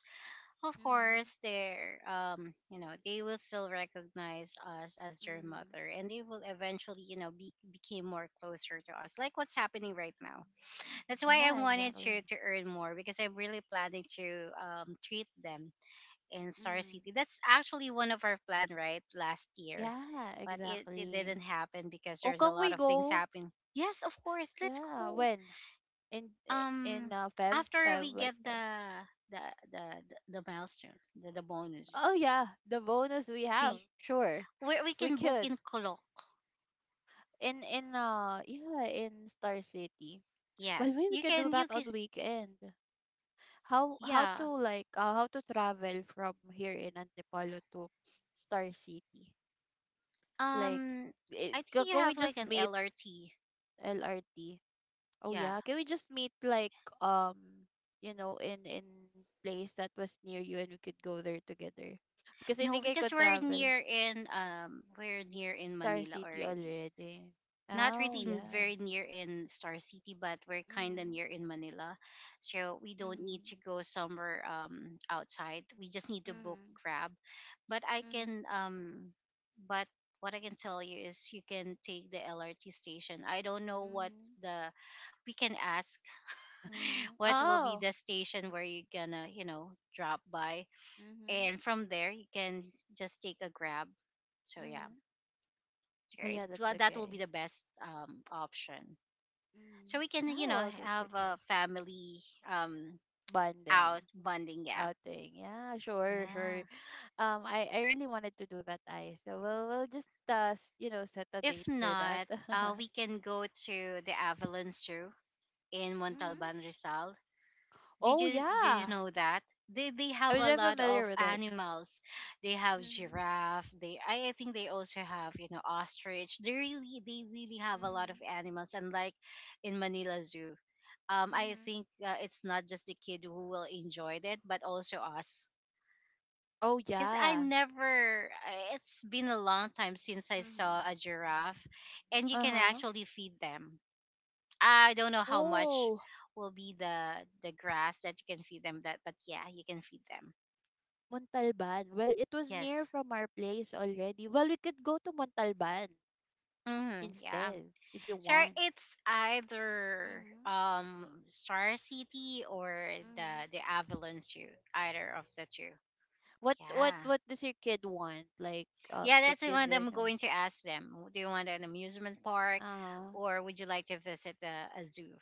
S1: of course,
S2: Mhm.
S1: they're, you know, they will still recognize us as their
S2: Mhm.
S1: mother, and they will eventually, you know, be became more closer to us, like what's happening right now. That's why I
S2: Yeah,
S1: wanted
S2: exactly.
S1: to earn more because I'm really planning to treat them in Star
S2: Mhm.
S1: City. That's actually one of our plan, right, last year,
S2: Yeah,
S1: but it
S2: exactly.
S1: didn't happen because
S2: Oh,
S1: there's a
S2: can
S1: lot
S2: we
S1: of things
S2: go?
S1: happening. Yes, of course, let's
S2: Yeah.
S1: go.
S2: When in in
S1: Um,
S2: uh, Feb
S1: after
S2: Feb
S1: we
S2: like
S1: get
S2: Feb.
S1: the the the milestone, the bonus.
S2: Oh yeah, the bonus we have.
S1: See,
S2: Sure,
S1: where we
S2: we
S1: can book
S2: could.
S1: in Kolok.
S2: In yeah, in Star City. Well,
S1: Yes,
S2: maybe we
S1: you
S2: could do
S1: can. You
S2: that
S1: can.
S2: on weekend. How to
S1: Yeah.
S2: like how to travel from here in Antipolo to Star City? Like
S1: Um, I think you
S2: can we
S1: have like
S2: just
S1: an
S2: meet
S1: LRT.
S2: LRT? Oh
S1: Yeah.
S2: yeah, can we just meet like um you know in place that was near you, and we could go there together? Because I
S1: No,
S2: think I
S1: because
S2: could travel
S1: we're near in
S2: Star
S1: Manila
S2: City
S1: already.
S2: already.
S1: Not
S2: Oh
S1: really n-
S2: yeah.
S1: very near in Star City, but we're kind of
S2: Mm-hmm.
S1: near in Manila. So we don't need
S2: Mm-hmm.
S1: to go somewhere, outside. We just need to book
S2: Mm-hmm.
S1: Grab. But I
S2: Mm-hmm.
S1: can, but what I can tell you is you can take the LRT station. I don't know what
S2: Mhm.
S1: the, we can ask *laughs*
S2: Mhm.
S1: what will be
S2: Oh.
S1: the station where you're gonna, you know, drop by.
S2: Mhm.
S1: And from there, you can just take a Grab. So yeah,
S2: Mhm.
S1: sure
S2: But yeah,
S1: it-
S2: that's
S1: well, that will be
S2: okay.
S1: the best option. So
S2: Mhm.
S1: we can,
S2: Yeah,
S1: you know,
S2: well, that's
S1: have a
S2: okay.
S1: family um
S2: Bonding,
S1: out bonding, yeah.
S2: outing. Yeah, sure, sure.
S1: Yeah,
S2: I really wanted to do that, I. So we'll just you know, set a date
S1: if
S2: for that.
S1: not, uh,
S2: *laughs*
S1: we can go to the Avalon Zoo in
S2: Mhm.
S1: Montalban, Rizal. did
S2: Oh
S1: you did you
S2: yeah,
S1: know that they
S2: I
S1: have
S2: was
S1: a
S2: very
S1: lot
S2: familiar
S1: of
S2: with it.
S1: animals? They have
S2: Mhm.
S1: giraffe, they, I think they also have, you know, ostrich. They really, they really have a lot of
S2: Mhm.
S1: animals, and like in Manila Zoo, I
S2: Mhm.
S1: think, it's not just the kid who will enjoy it, but also us.
S2: Oh
S1: Because I
S2: yeah.
S1: never, it's been a long time since I saw
S2: Mhm.
S1: a giraffe, and you
S2: Uh
S1: can
S2: huh.
S1: actually feed them. I don't know how much
S2: Oh.
S1: will be the grass that you can feed them that, but yeah, you can feed them.
S2: Montalban. Well, it was near
S1: Yes.
S2: from our place already. Well, we could go to Montalban
S1: Hmm, yeah.
S2: instead if you
S1: So
S2: want.
S1: it's either
S2: Mhm.
S1: Star City or
S2: Mhm.
S1: the Avalon Zoo, either of the two.
S2: What what
S1: Yeah.
S2: what does your kid want? Like
S1: Yeah, that's the one that I'm
S2: Kikizin or
S1: going to ask them. Do you want an amusement park?
S2: uh-huh.
S1: Or would you like to visit a zoo?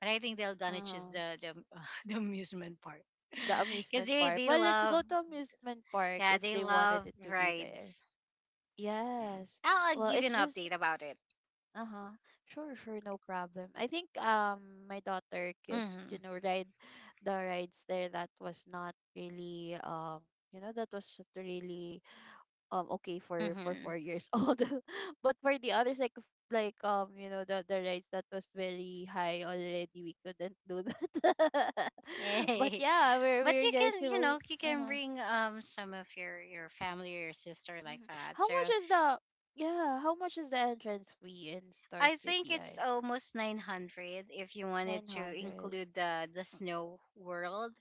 S1: But I think they're gonna choose
S2: Uh-huh.
S1: *laughs* the amusement park,
S2: The
S1: *laughs* because
S2: amusement park.
S1: they
S2: Well, let's
S1: love
S2: go to amusement park
S1: yeah,
S2: if
S1: they
S2: they wanted
S1: love
S2: it to be there.
S1: rides. Yeah,
S2: Yes.
S1: I'll
S2: Well,
S1: give you an
S2: it's just
S1: update about it.
S2: uh-huh. Sure, sure, no problem. I think my daughter could,
S1: Mm-hmm.
S2: you know, ride the rides there that was not really you know that was just really okay for
S1: Mm-hmm.
S2: 4 years old. *laughs* But for the others like like you know the rides that was very high already, we couldn't do that. *laughs*
S1: Yay!
S2: But
S1: *laughs*
S2: yeah,
S1: But
S2: we're
S1: you can, you know,
S2: usually
S1: you can
S2: uh-huh.
S1: bring some of your family or your sister like
S2: Hmm.
S1: that.
S2: How much
S1: So
S2: is the yeah, how much is the entrance fee in Star
S1: I think
S2: City,
S1: it's
S2: Ice?
S1: almost 900 if you wanted to
S2: 900.
S1: include the snow world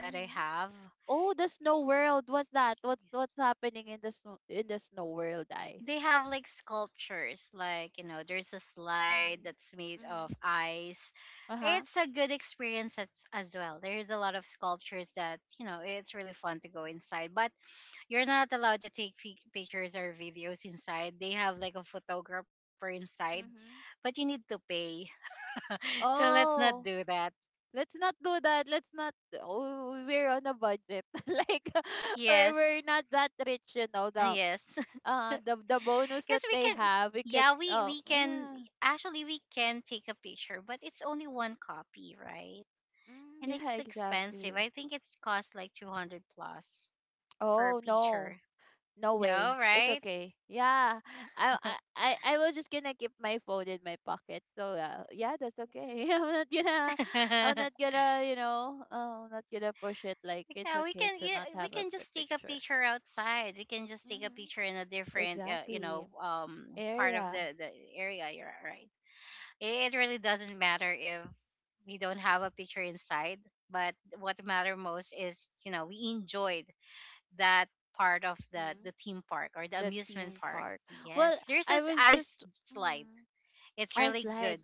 S1: that I have.
S2: Oh, the snow world. What's that? What's happening in the snow world, guys?
S1: They have like sculptures, like, you know, there's a slide that's made
S2: Mm-hmm.
S1: of
S2: Mm-hmm.
S1: ice.
S2: Uh-huh.
S1: It's a good experience as well. There's a lot of sculptures that, you know, it's really fun to go inside, but you're not allowed to take fi- pictures or videos inside. They have like a photographer inside,
S2: Mm-hmm.
S1: but you need to pay. *laughs* So let's not
S2: Oh,
S1: do that.
S2: let's not do that. Let's not. Oh, we're on a budget. *laughs* Like, *laughs* or
S1: Yes.
S2: we're not that rich, you know.
S1: Ah,
S2: The
S1: yes. *laughs*
S2: uh the bonus that
S1: Because we
S2: they
S1: can,
S2: have, we could.
S1: yeah,
S2: Oh,
S1: we can
S2: yeah.
S1: actually we can take a picture, but it's only one copy, right?
S2: Mm,
S1: And
S2: yeah,
S1: it's expensive.
S2: exactly.
S1: I think it's cost like 200 plus for a
S2: Oh no.
S1: picture.
S2: No
S1: No,
S2: way. It's
S1: right?
S2: okay. Yeah. I I
S1: *laughs*
S2: I I will just gonna keep my phone in my pocket. So yeah, that's okay. *laughs* I'm
S1: Yeah,
S2: not gonna, you know, I'm not gonna push it. Like
S1: we
S2: it's okay
S1: can,
S2: to
S1: yeah,
S2: not
S1: we
S2: have a
S1: can just take a
S2: picture.
S1: picture outside. We can just take a
S2: Mhm.
S1: picture in a different, you know,
S2: Exactly.
S1: part of
S2: Area.
S1: the area. You're right. It really doesn't matter if we don't have a picture inside, but what matter most is, you know, we enjoyed that part of
S2: Mhm.
S1: the theme park or the
S2: The
S1: amusement
S2: theme
S1: park.
S2: park.
S1: Yes,
S2: Well,
S1: there's
S2: I
S1: this
S2: was
S1: ice
S2: just
S1: slide.
S2: mhm.
S1: It's
S2: Ice
S1: really
S2: slide.
S1: good.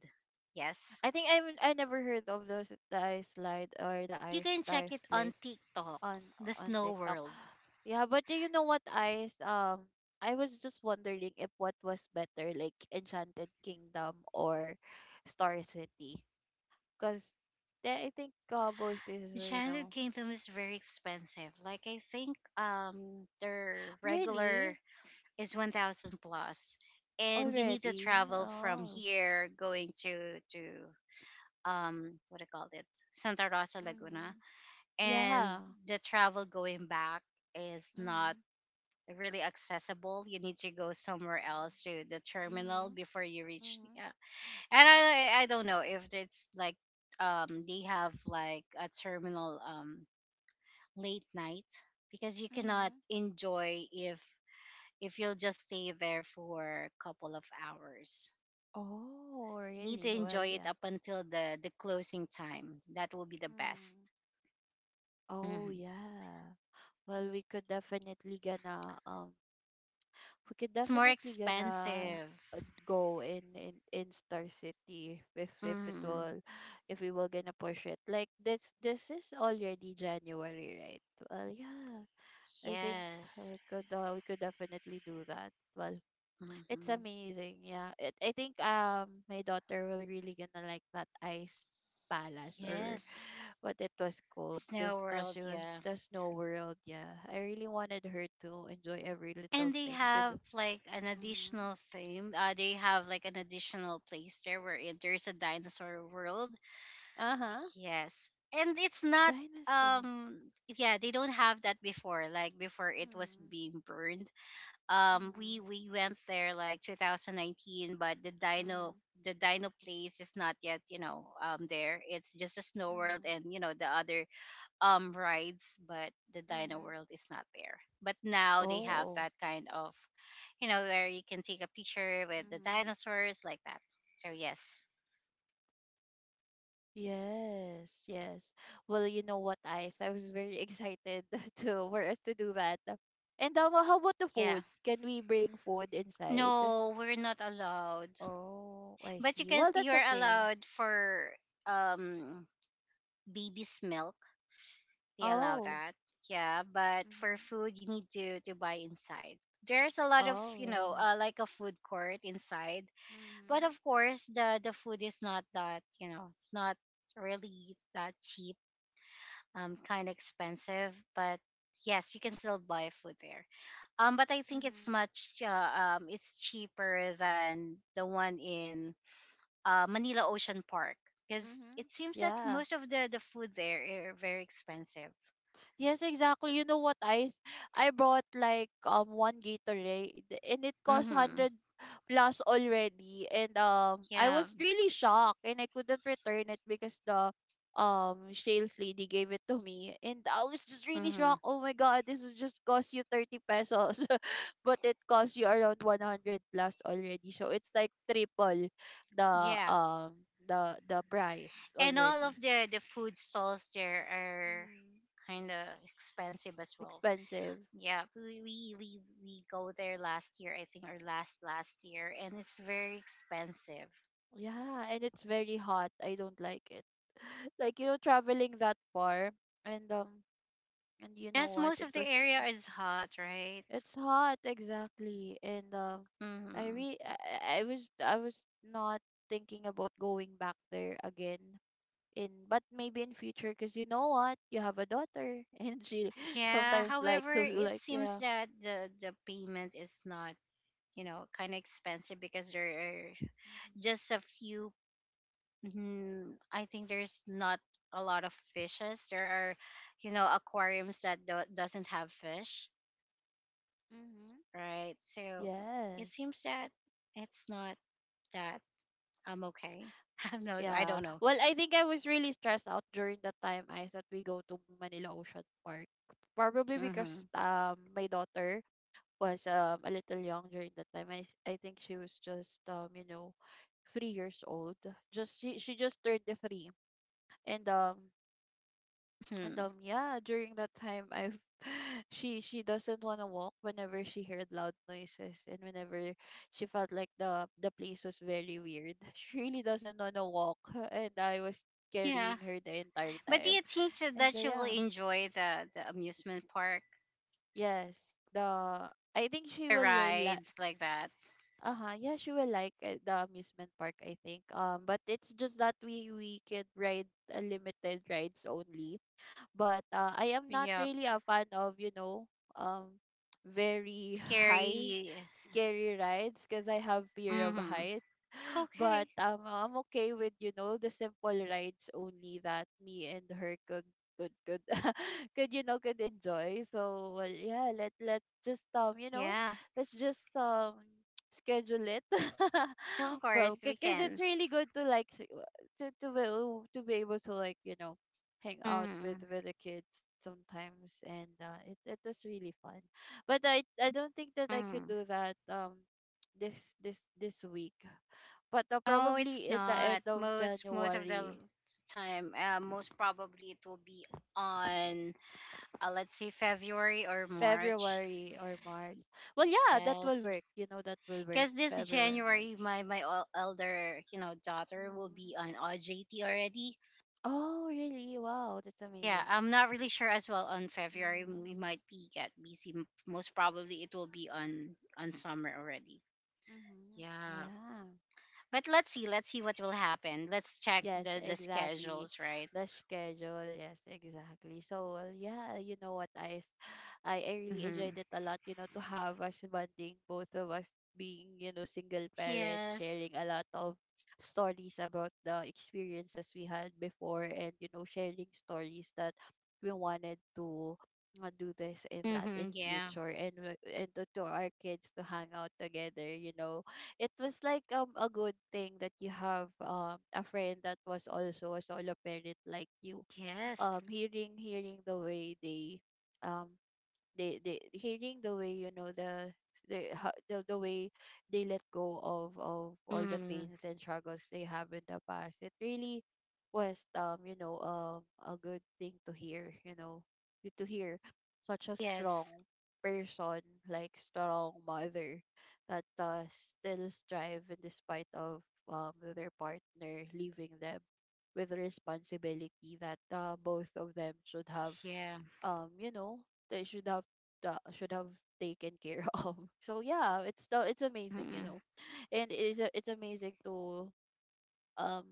S1: Yes.
S2: I think I never heard of those, the ice slide or the
S1: You
S2: ice
S1: can check
S2: ice
S1: it on
S2: place.
S1: TikTok,
S2: on
S1: the
S2: on
S1: Snow
S2: TikTok.
S1: World.
S2: Yeah, but do you know what I was just wondering if what was better, like Enchanted Kingdom or Star City, cuz I think both is you
S1: Enchanted
S2: know
S1: Kingdom is very expensive. Like I think their regular
S2: really
S1: is 1000 plus, and you need to
S2: already
S1: travel from
S2: oh
S1: here going to what I called it, Santa Rosa, Laguna.
S2: mhm
S1: And
S2: yeah
S1: the travel going back is not
S2: mhm
S1: really accessible. You need to go somewhere else to the terminal
S2: mhm
S1: before you reach,
S2: mhm
S1: yeah. And I don't know if it's like they have like a terminal late night, because you cannot
S2: mhm
S1: enjoy if you'll just stay there for a couple of hours.
S2: oh
S1: You need to
S2: really well
S1: enjoy it
S2: yeah
S1: up until the closing time. That will be the best.
S2: mhm oh
S1: Hmm.
S2: yeah. Well, we could definitely gonna we could
S1: It's more
S2: definitely gonna
S1: expensive.
S2: uh, go in in Star City if it
S1: Hmm.
S2: will if we will gonna push it. Like this is already January, right? Well yeah, I think
S1: Yes.
S2: could we could definitely do that. Well it's
S1: Hmm.
S2: amazing, yeah it, I think my daughter will really gonna like that ice palace or
S1: Yes.
S2: what it was called, because
S1: Snow World,
S2: she was
S1: yeah.
S2: the snow world. Yeah, I really wanted her to enjoy every
S1: And
S2: little
S1: they
S2: things in
S1: have like an
S2: the
S1: additional theme. They have like an additional place there where there's a dinosaur world.
S2: uh-huh.
S1: Yes. And it's not
S2: Dinosaur.
S1: um yeah, they don't have that before. Like before it was
S2: Mhm.
S1: being burned. Um,
S2: Mhm.
S1: we went there like 2019, but
S2: Mhm.
S1: the dino place is not yet, you know, there. It's just a snow world
S2: Mhm.
S1: and you know the other rides, but the dino
S2: Mhm.
S1: world is not there. But now they have
S2: Oh.
S1: that kind of, you know, where you can take a picture with the
S2: Mhm.
S1: dinosaurs like that. So yes.
S2: Yes, yes. Well, you know what, Ice? I was very excited *laughs* to for us to do that. And how about the
S1: Yeah.
S2: food? Can we bring food inside?
S1: No, we're not allowed.
S2: Oh, I
S1: But you
S2: see.
S1: can,
S2: Well, that's
S1: you're
S2: okay.
S1: allowed for um baby's milk. They allow
S2: Oh,
S1: that. Yeah, but for
S2: mhm.
S1: food you need to buy inside. There's a lot of,
S2: Oh,
S1: you know,
S2: well,
S1: like a food court inside.
S2: yeah.
S1: But of
S2: Mhm.
S1: course, the food is not that, you know, it's not really that cheap. Um, kind of expensive, but yes, you can still buy food there. Um, but I think it's
S2: Mhm.
S1: much it's cheaper than the one in Manila Ocean Park, because
S2: Mhm.
S1: it seems that
S2: Yeah.
S1: most of the food there are very expensive.
S2: Yes, exactly. You know what I bought like one Gatorade and it cost
S1: Mm-hmm.
S2: hundred plus already, and I
S1: Yeah.
S2: was really shocked and I couldn't return it because the sales lady gave it to me, and I was just really
S1: Mm-hmm.
S2: shocked. Oh my god, this is just cost you 30 pesos *laughs* but it cost you around 100 plus already. So it's like triple the
S1: Yeah.
S2: the the price
S1: And all
S2: already.
S1: of the food stalls there are
S2: Mm,
S1: kind of expensive as well.
S2: expensive.
S1: Yeah, we, we go there last year, I think, or last last year, and it's very expensive.
S2: Yeah, and it's very hot. I don't like it. *laughs* Like, you know, traveling that far and um and you know
S1: Yes,
S2: what?
S1: most
S2: It
S1: of the
S2: was
S1: area is hot, right?
S2: it's hot exactly. And I
S1: Mm-hmm.
S2: re I, I was I was not thinking about going back there again in, but maybe in future because you know what? You have a daughter *laughs* and she
S1: Yeah.
S2: sometimes like
S1: However,
S2: to
S1: it
S2: like
S1: seems
S2: yeah.
S1: that the payment is not, you know, kind of expensive because there are just
S2: Mm-hmm.
S1: a few, mm, I think there's not a lot of fishes. There are, you know, aquariums that doesn't have fish,
S2: Mm-hmm.
S1: right? So it
S2: Yes.
S1: seems that it's not that. I'm okay. *laughs* No, I
S2: Yeah.
S1: don't know.
S2: Well, I think I was really stressed out during the time I said we go to Manila Ocean Park. Probably
S1: Mm-hmm.
S2: because my daughter was a little young during that time. I think she was just you know 3 years old. Just she just turned the three, and
S1: *laughs* Hmm,
S2: yeah, during that time I've *sighs* *laughs* she doesn't wanna walk whenever she heard loud noises, and whenever she felt like the place was very weird. *laughs* She really doesn't wanna walk *laughs* and I was
S1: yeah,
S2: carrying her the entire
S1: but do
S2: time.
S1: you think so
S2: And
S1: that you will
S2: yeah.
S1: enjoy the amusement park,
S2: Yes. The I think she
S1: the
S2: will
S1: rides like that?
S2: uh-huh, yeah, she will like the amusement park, I think. But it's just that we could ride a limited rides only, but I am not
S1: Yep.
S2: really a fan of you know um very *laughs* high
S1: Scary.
S2: scary rides, because I have fear of
S1: Mm-hmm.
S2: height. *laughs*
S1: Okay.
S2: But I'm okay with you know the simple rides only that me and her could could could *laughs* could, you know, could enjoy. So well, yeah, let's just you know
S1: Yeah.
S2: let's just schedule it. *laughs*
S1: Of
S2: Well,
S1: course, we
S2: because it's
S1: can.
S2: really good to like to be oh, to be able to like you know hang out
S1: Mm,
S2: with the kids sometimes, and it it was really fun. But I don't think that I could
S1: mm.
S2: do that this week, but
S1: No, it's
S2: probably in the end
S1: not.
S2: of
S1: Most most of the l-
S2: January,
S1: time, most probably it will be on, let's say February or March.
S2: February or March. Well, yeah, that will
S1: Yes,
S2: work. You know, that will work.
S1: because this
S2: February,
S1: January,
S2: March.
S1: my elder, you know, daughter will
S2: Hmm.
S1: be on OJT already.
S2: Oh, really? Wow, that's
S1: Yeah,
S2: amazing.
S1: I'm not really sure as well on February.
S2: Mm-hmm.
S1: We might be get busy. Most probably it will be on summer already.
S2: Mm-hmm.
S1: Yeah.
S2: Yeah.
S1: But let's see what will happen. Let's check
S2: Yes,
S1: the
S2: exactly.
S1: schedules, right?
S2: The schedule. Yes, exactly. So, well, yeah, you know what, I really
S1: Mm-hmm.
S2: enjoyed it a lot, you know, to have us bonding, both of us being, you know, single parent,
S1: Yes.
S2: sharing a lot of stories about the experiences we had before, and, you know, sharing stories that we wanted to do this and that in
S1: Mm-hmm. Yeah.
S2: future, and to our kids to hang out together, you know it was like a good thing that you have a friend that was also a solo parent like you.
S1: Yes.
S2: Um, hearing the way they um hearing the way you know the way they let go of all the
S1: Mm-hmm.
S2: pains and struggles they have in the past. It really was you know a good thing to hear, you know, to hear such a
S1: Yes.
S2: strong person, like strong mother that still strive in despite of their partner leaving them with the responsibility that both of them should have
S1: Yeah.
S2: you know they should have taken care *laughs* of. So yeah, it's amazing, you
S1: Mm-hmm.
S2: know, and it's amazing to um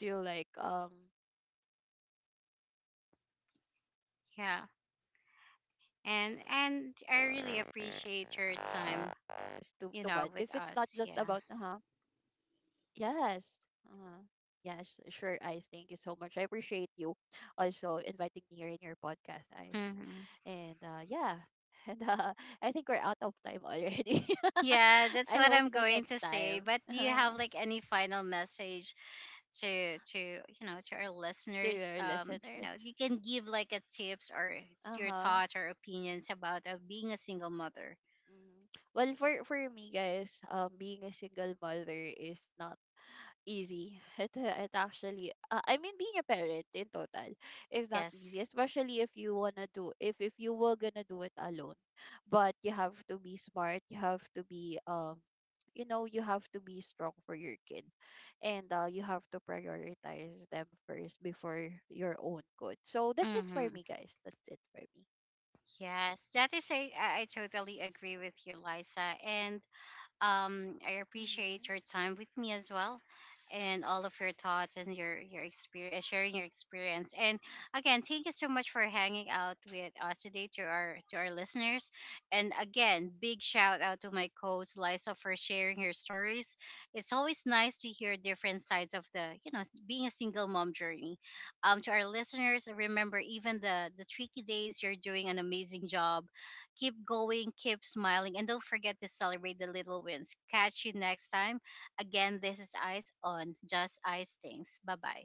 S2: to like um
S1: Yeah.
S2: to bond
S1: And
S2: because
S1: I
S2: it's not
S1: really
S2: just about
S1: appreciate your
S2: uh-huh
S1: time, you know, with
S2: yes
S1: us. Yeah.
S2: uh-huh yes. Sure, Ice, thank you so much. I appreciate you also inviting me here in your podcast, Ice. And
S1: Mm-hmm.
S2: yeah, *laughs* and I think we're out of time already. *laughs*
S1: Yeah,
S2: I
S1: that's
S2: hope
S1: what
S2: that
S1: I'm
S2: next
S1: going to
S2: time
S1: say.
S2: *laughs*
S1: But do you have like any final message to you know to our
S2: to
S1: listeners,
S2: your
S1: um, you
S2: listeners.
S1: know, you can give like a tips or
S2: Uh
S1: your
S2: huh.
S1: thoughts or opinions about being a single mother?
S2: Well, for me, guys, being a single mother is not easy. *laughs* It, it actually, I mean, being a parent in total is not
S1: Yes.
S2: easy, especially if you wanna do if you were gonna do it alone. But you have to be smart. You have to be you know, you have to be strong for your kid, and you have to prioritize them first before your own good. So that's it for
S1: Mm-hmm.
S2: me, guys. That's it for me.
S1: Yes, that is a I totally agree with you, Liza. And, um, I appreciate your
S2: Mm-hmm.
S1: time with me as well and all of your thoughts and your experience sharing your experience. And again, thank you so much for hanging out with us today, to our listeners. And again, big shout out to my co-host Liza for sharing her stories. It's always nice to hear different sides of the, you know, being a single mom journey. Um, to our listeners, remember even the tricky days, you're doing an amazing job. Keep going, keep smiling, and don't forget to celebrate the little wins. Catch you next time. Again, this is Eyes on Just Eyes Things. Bye bye.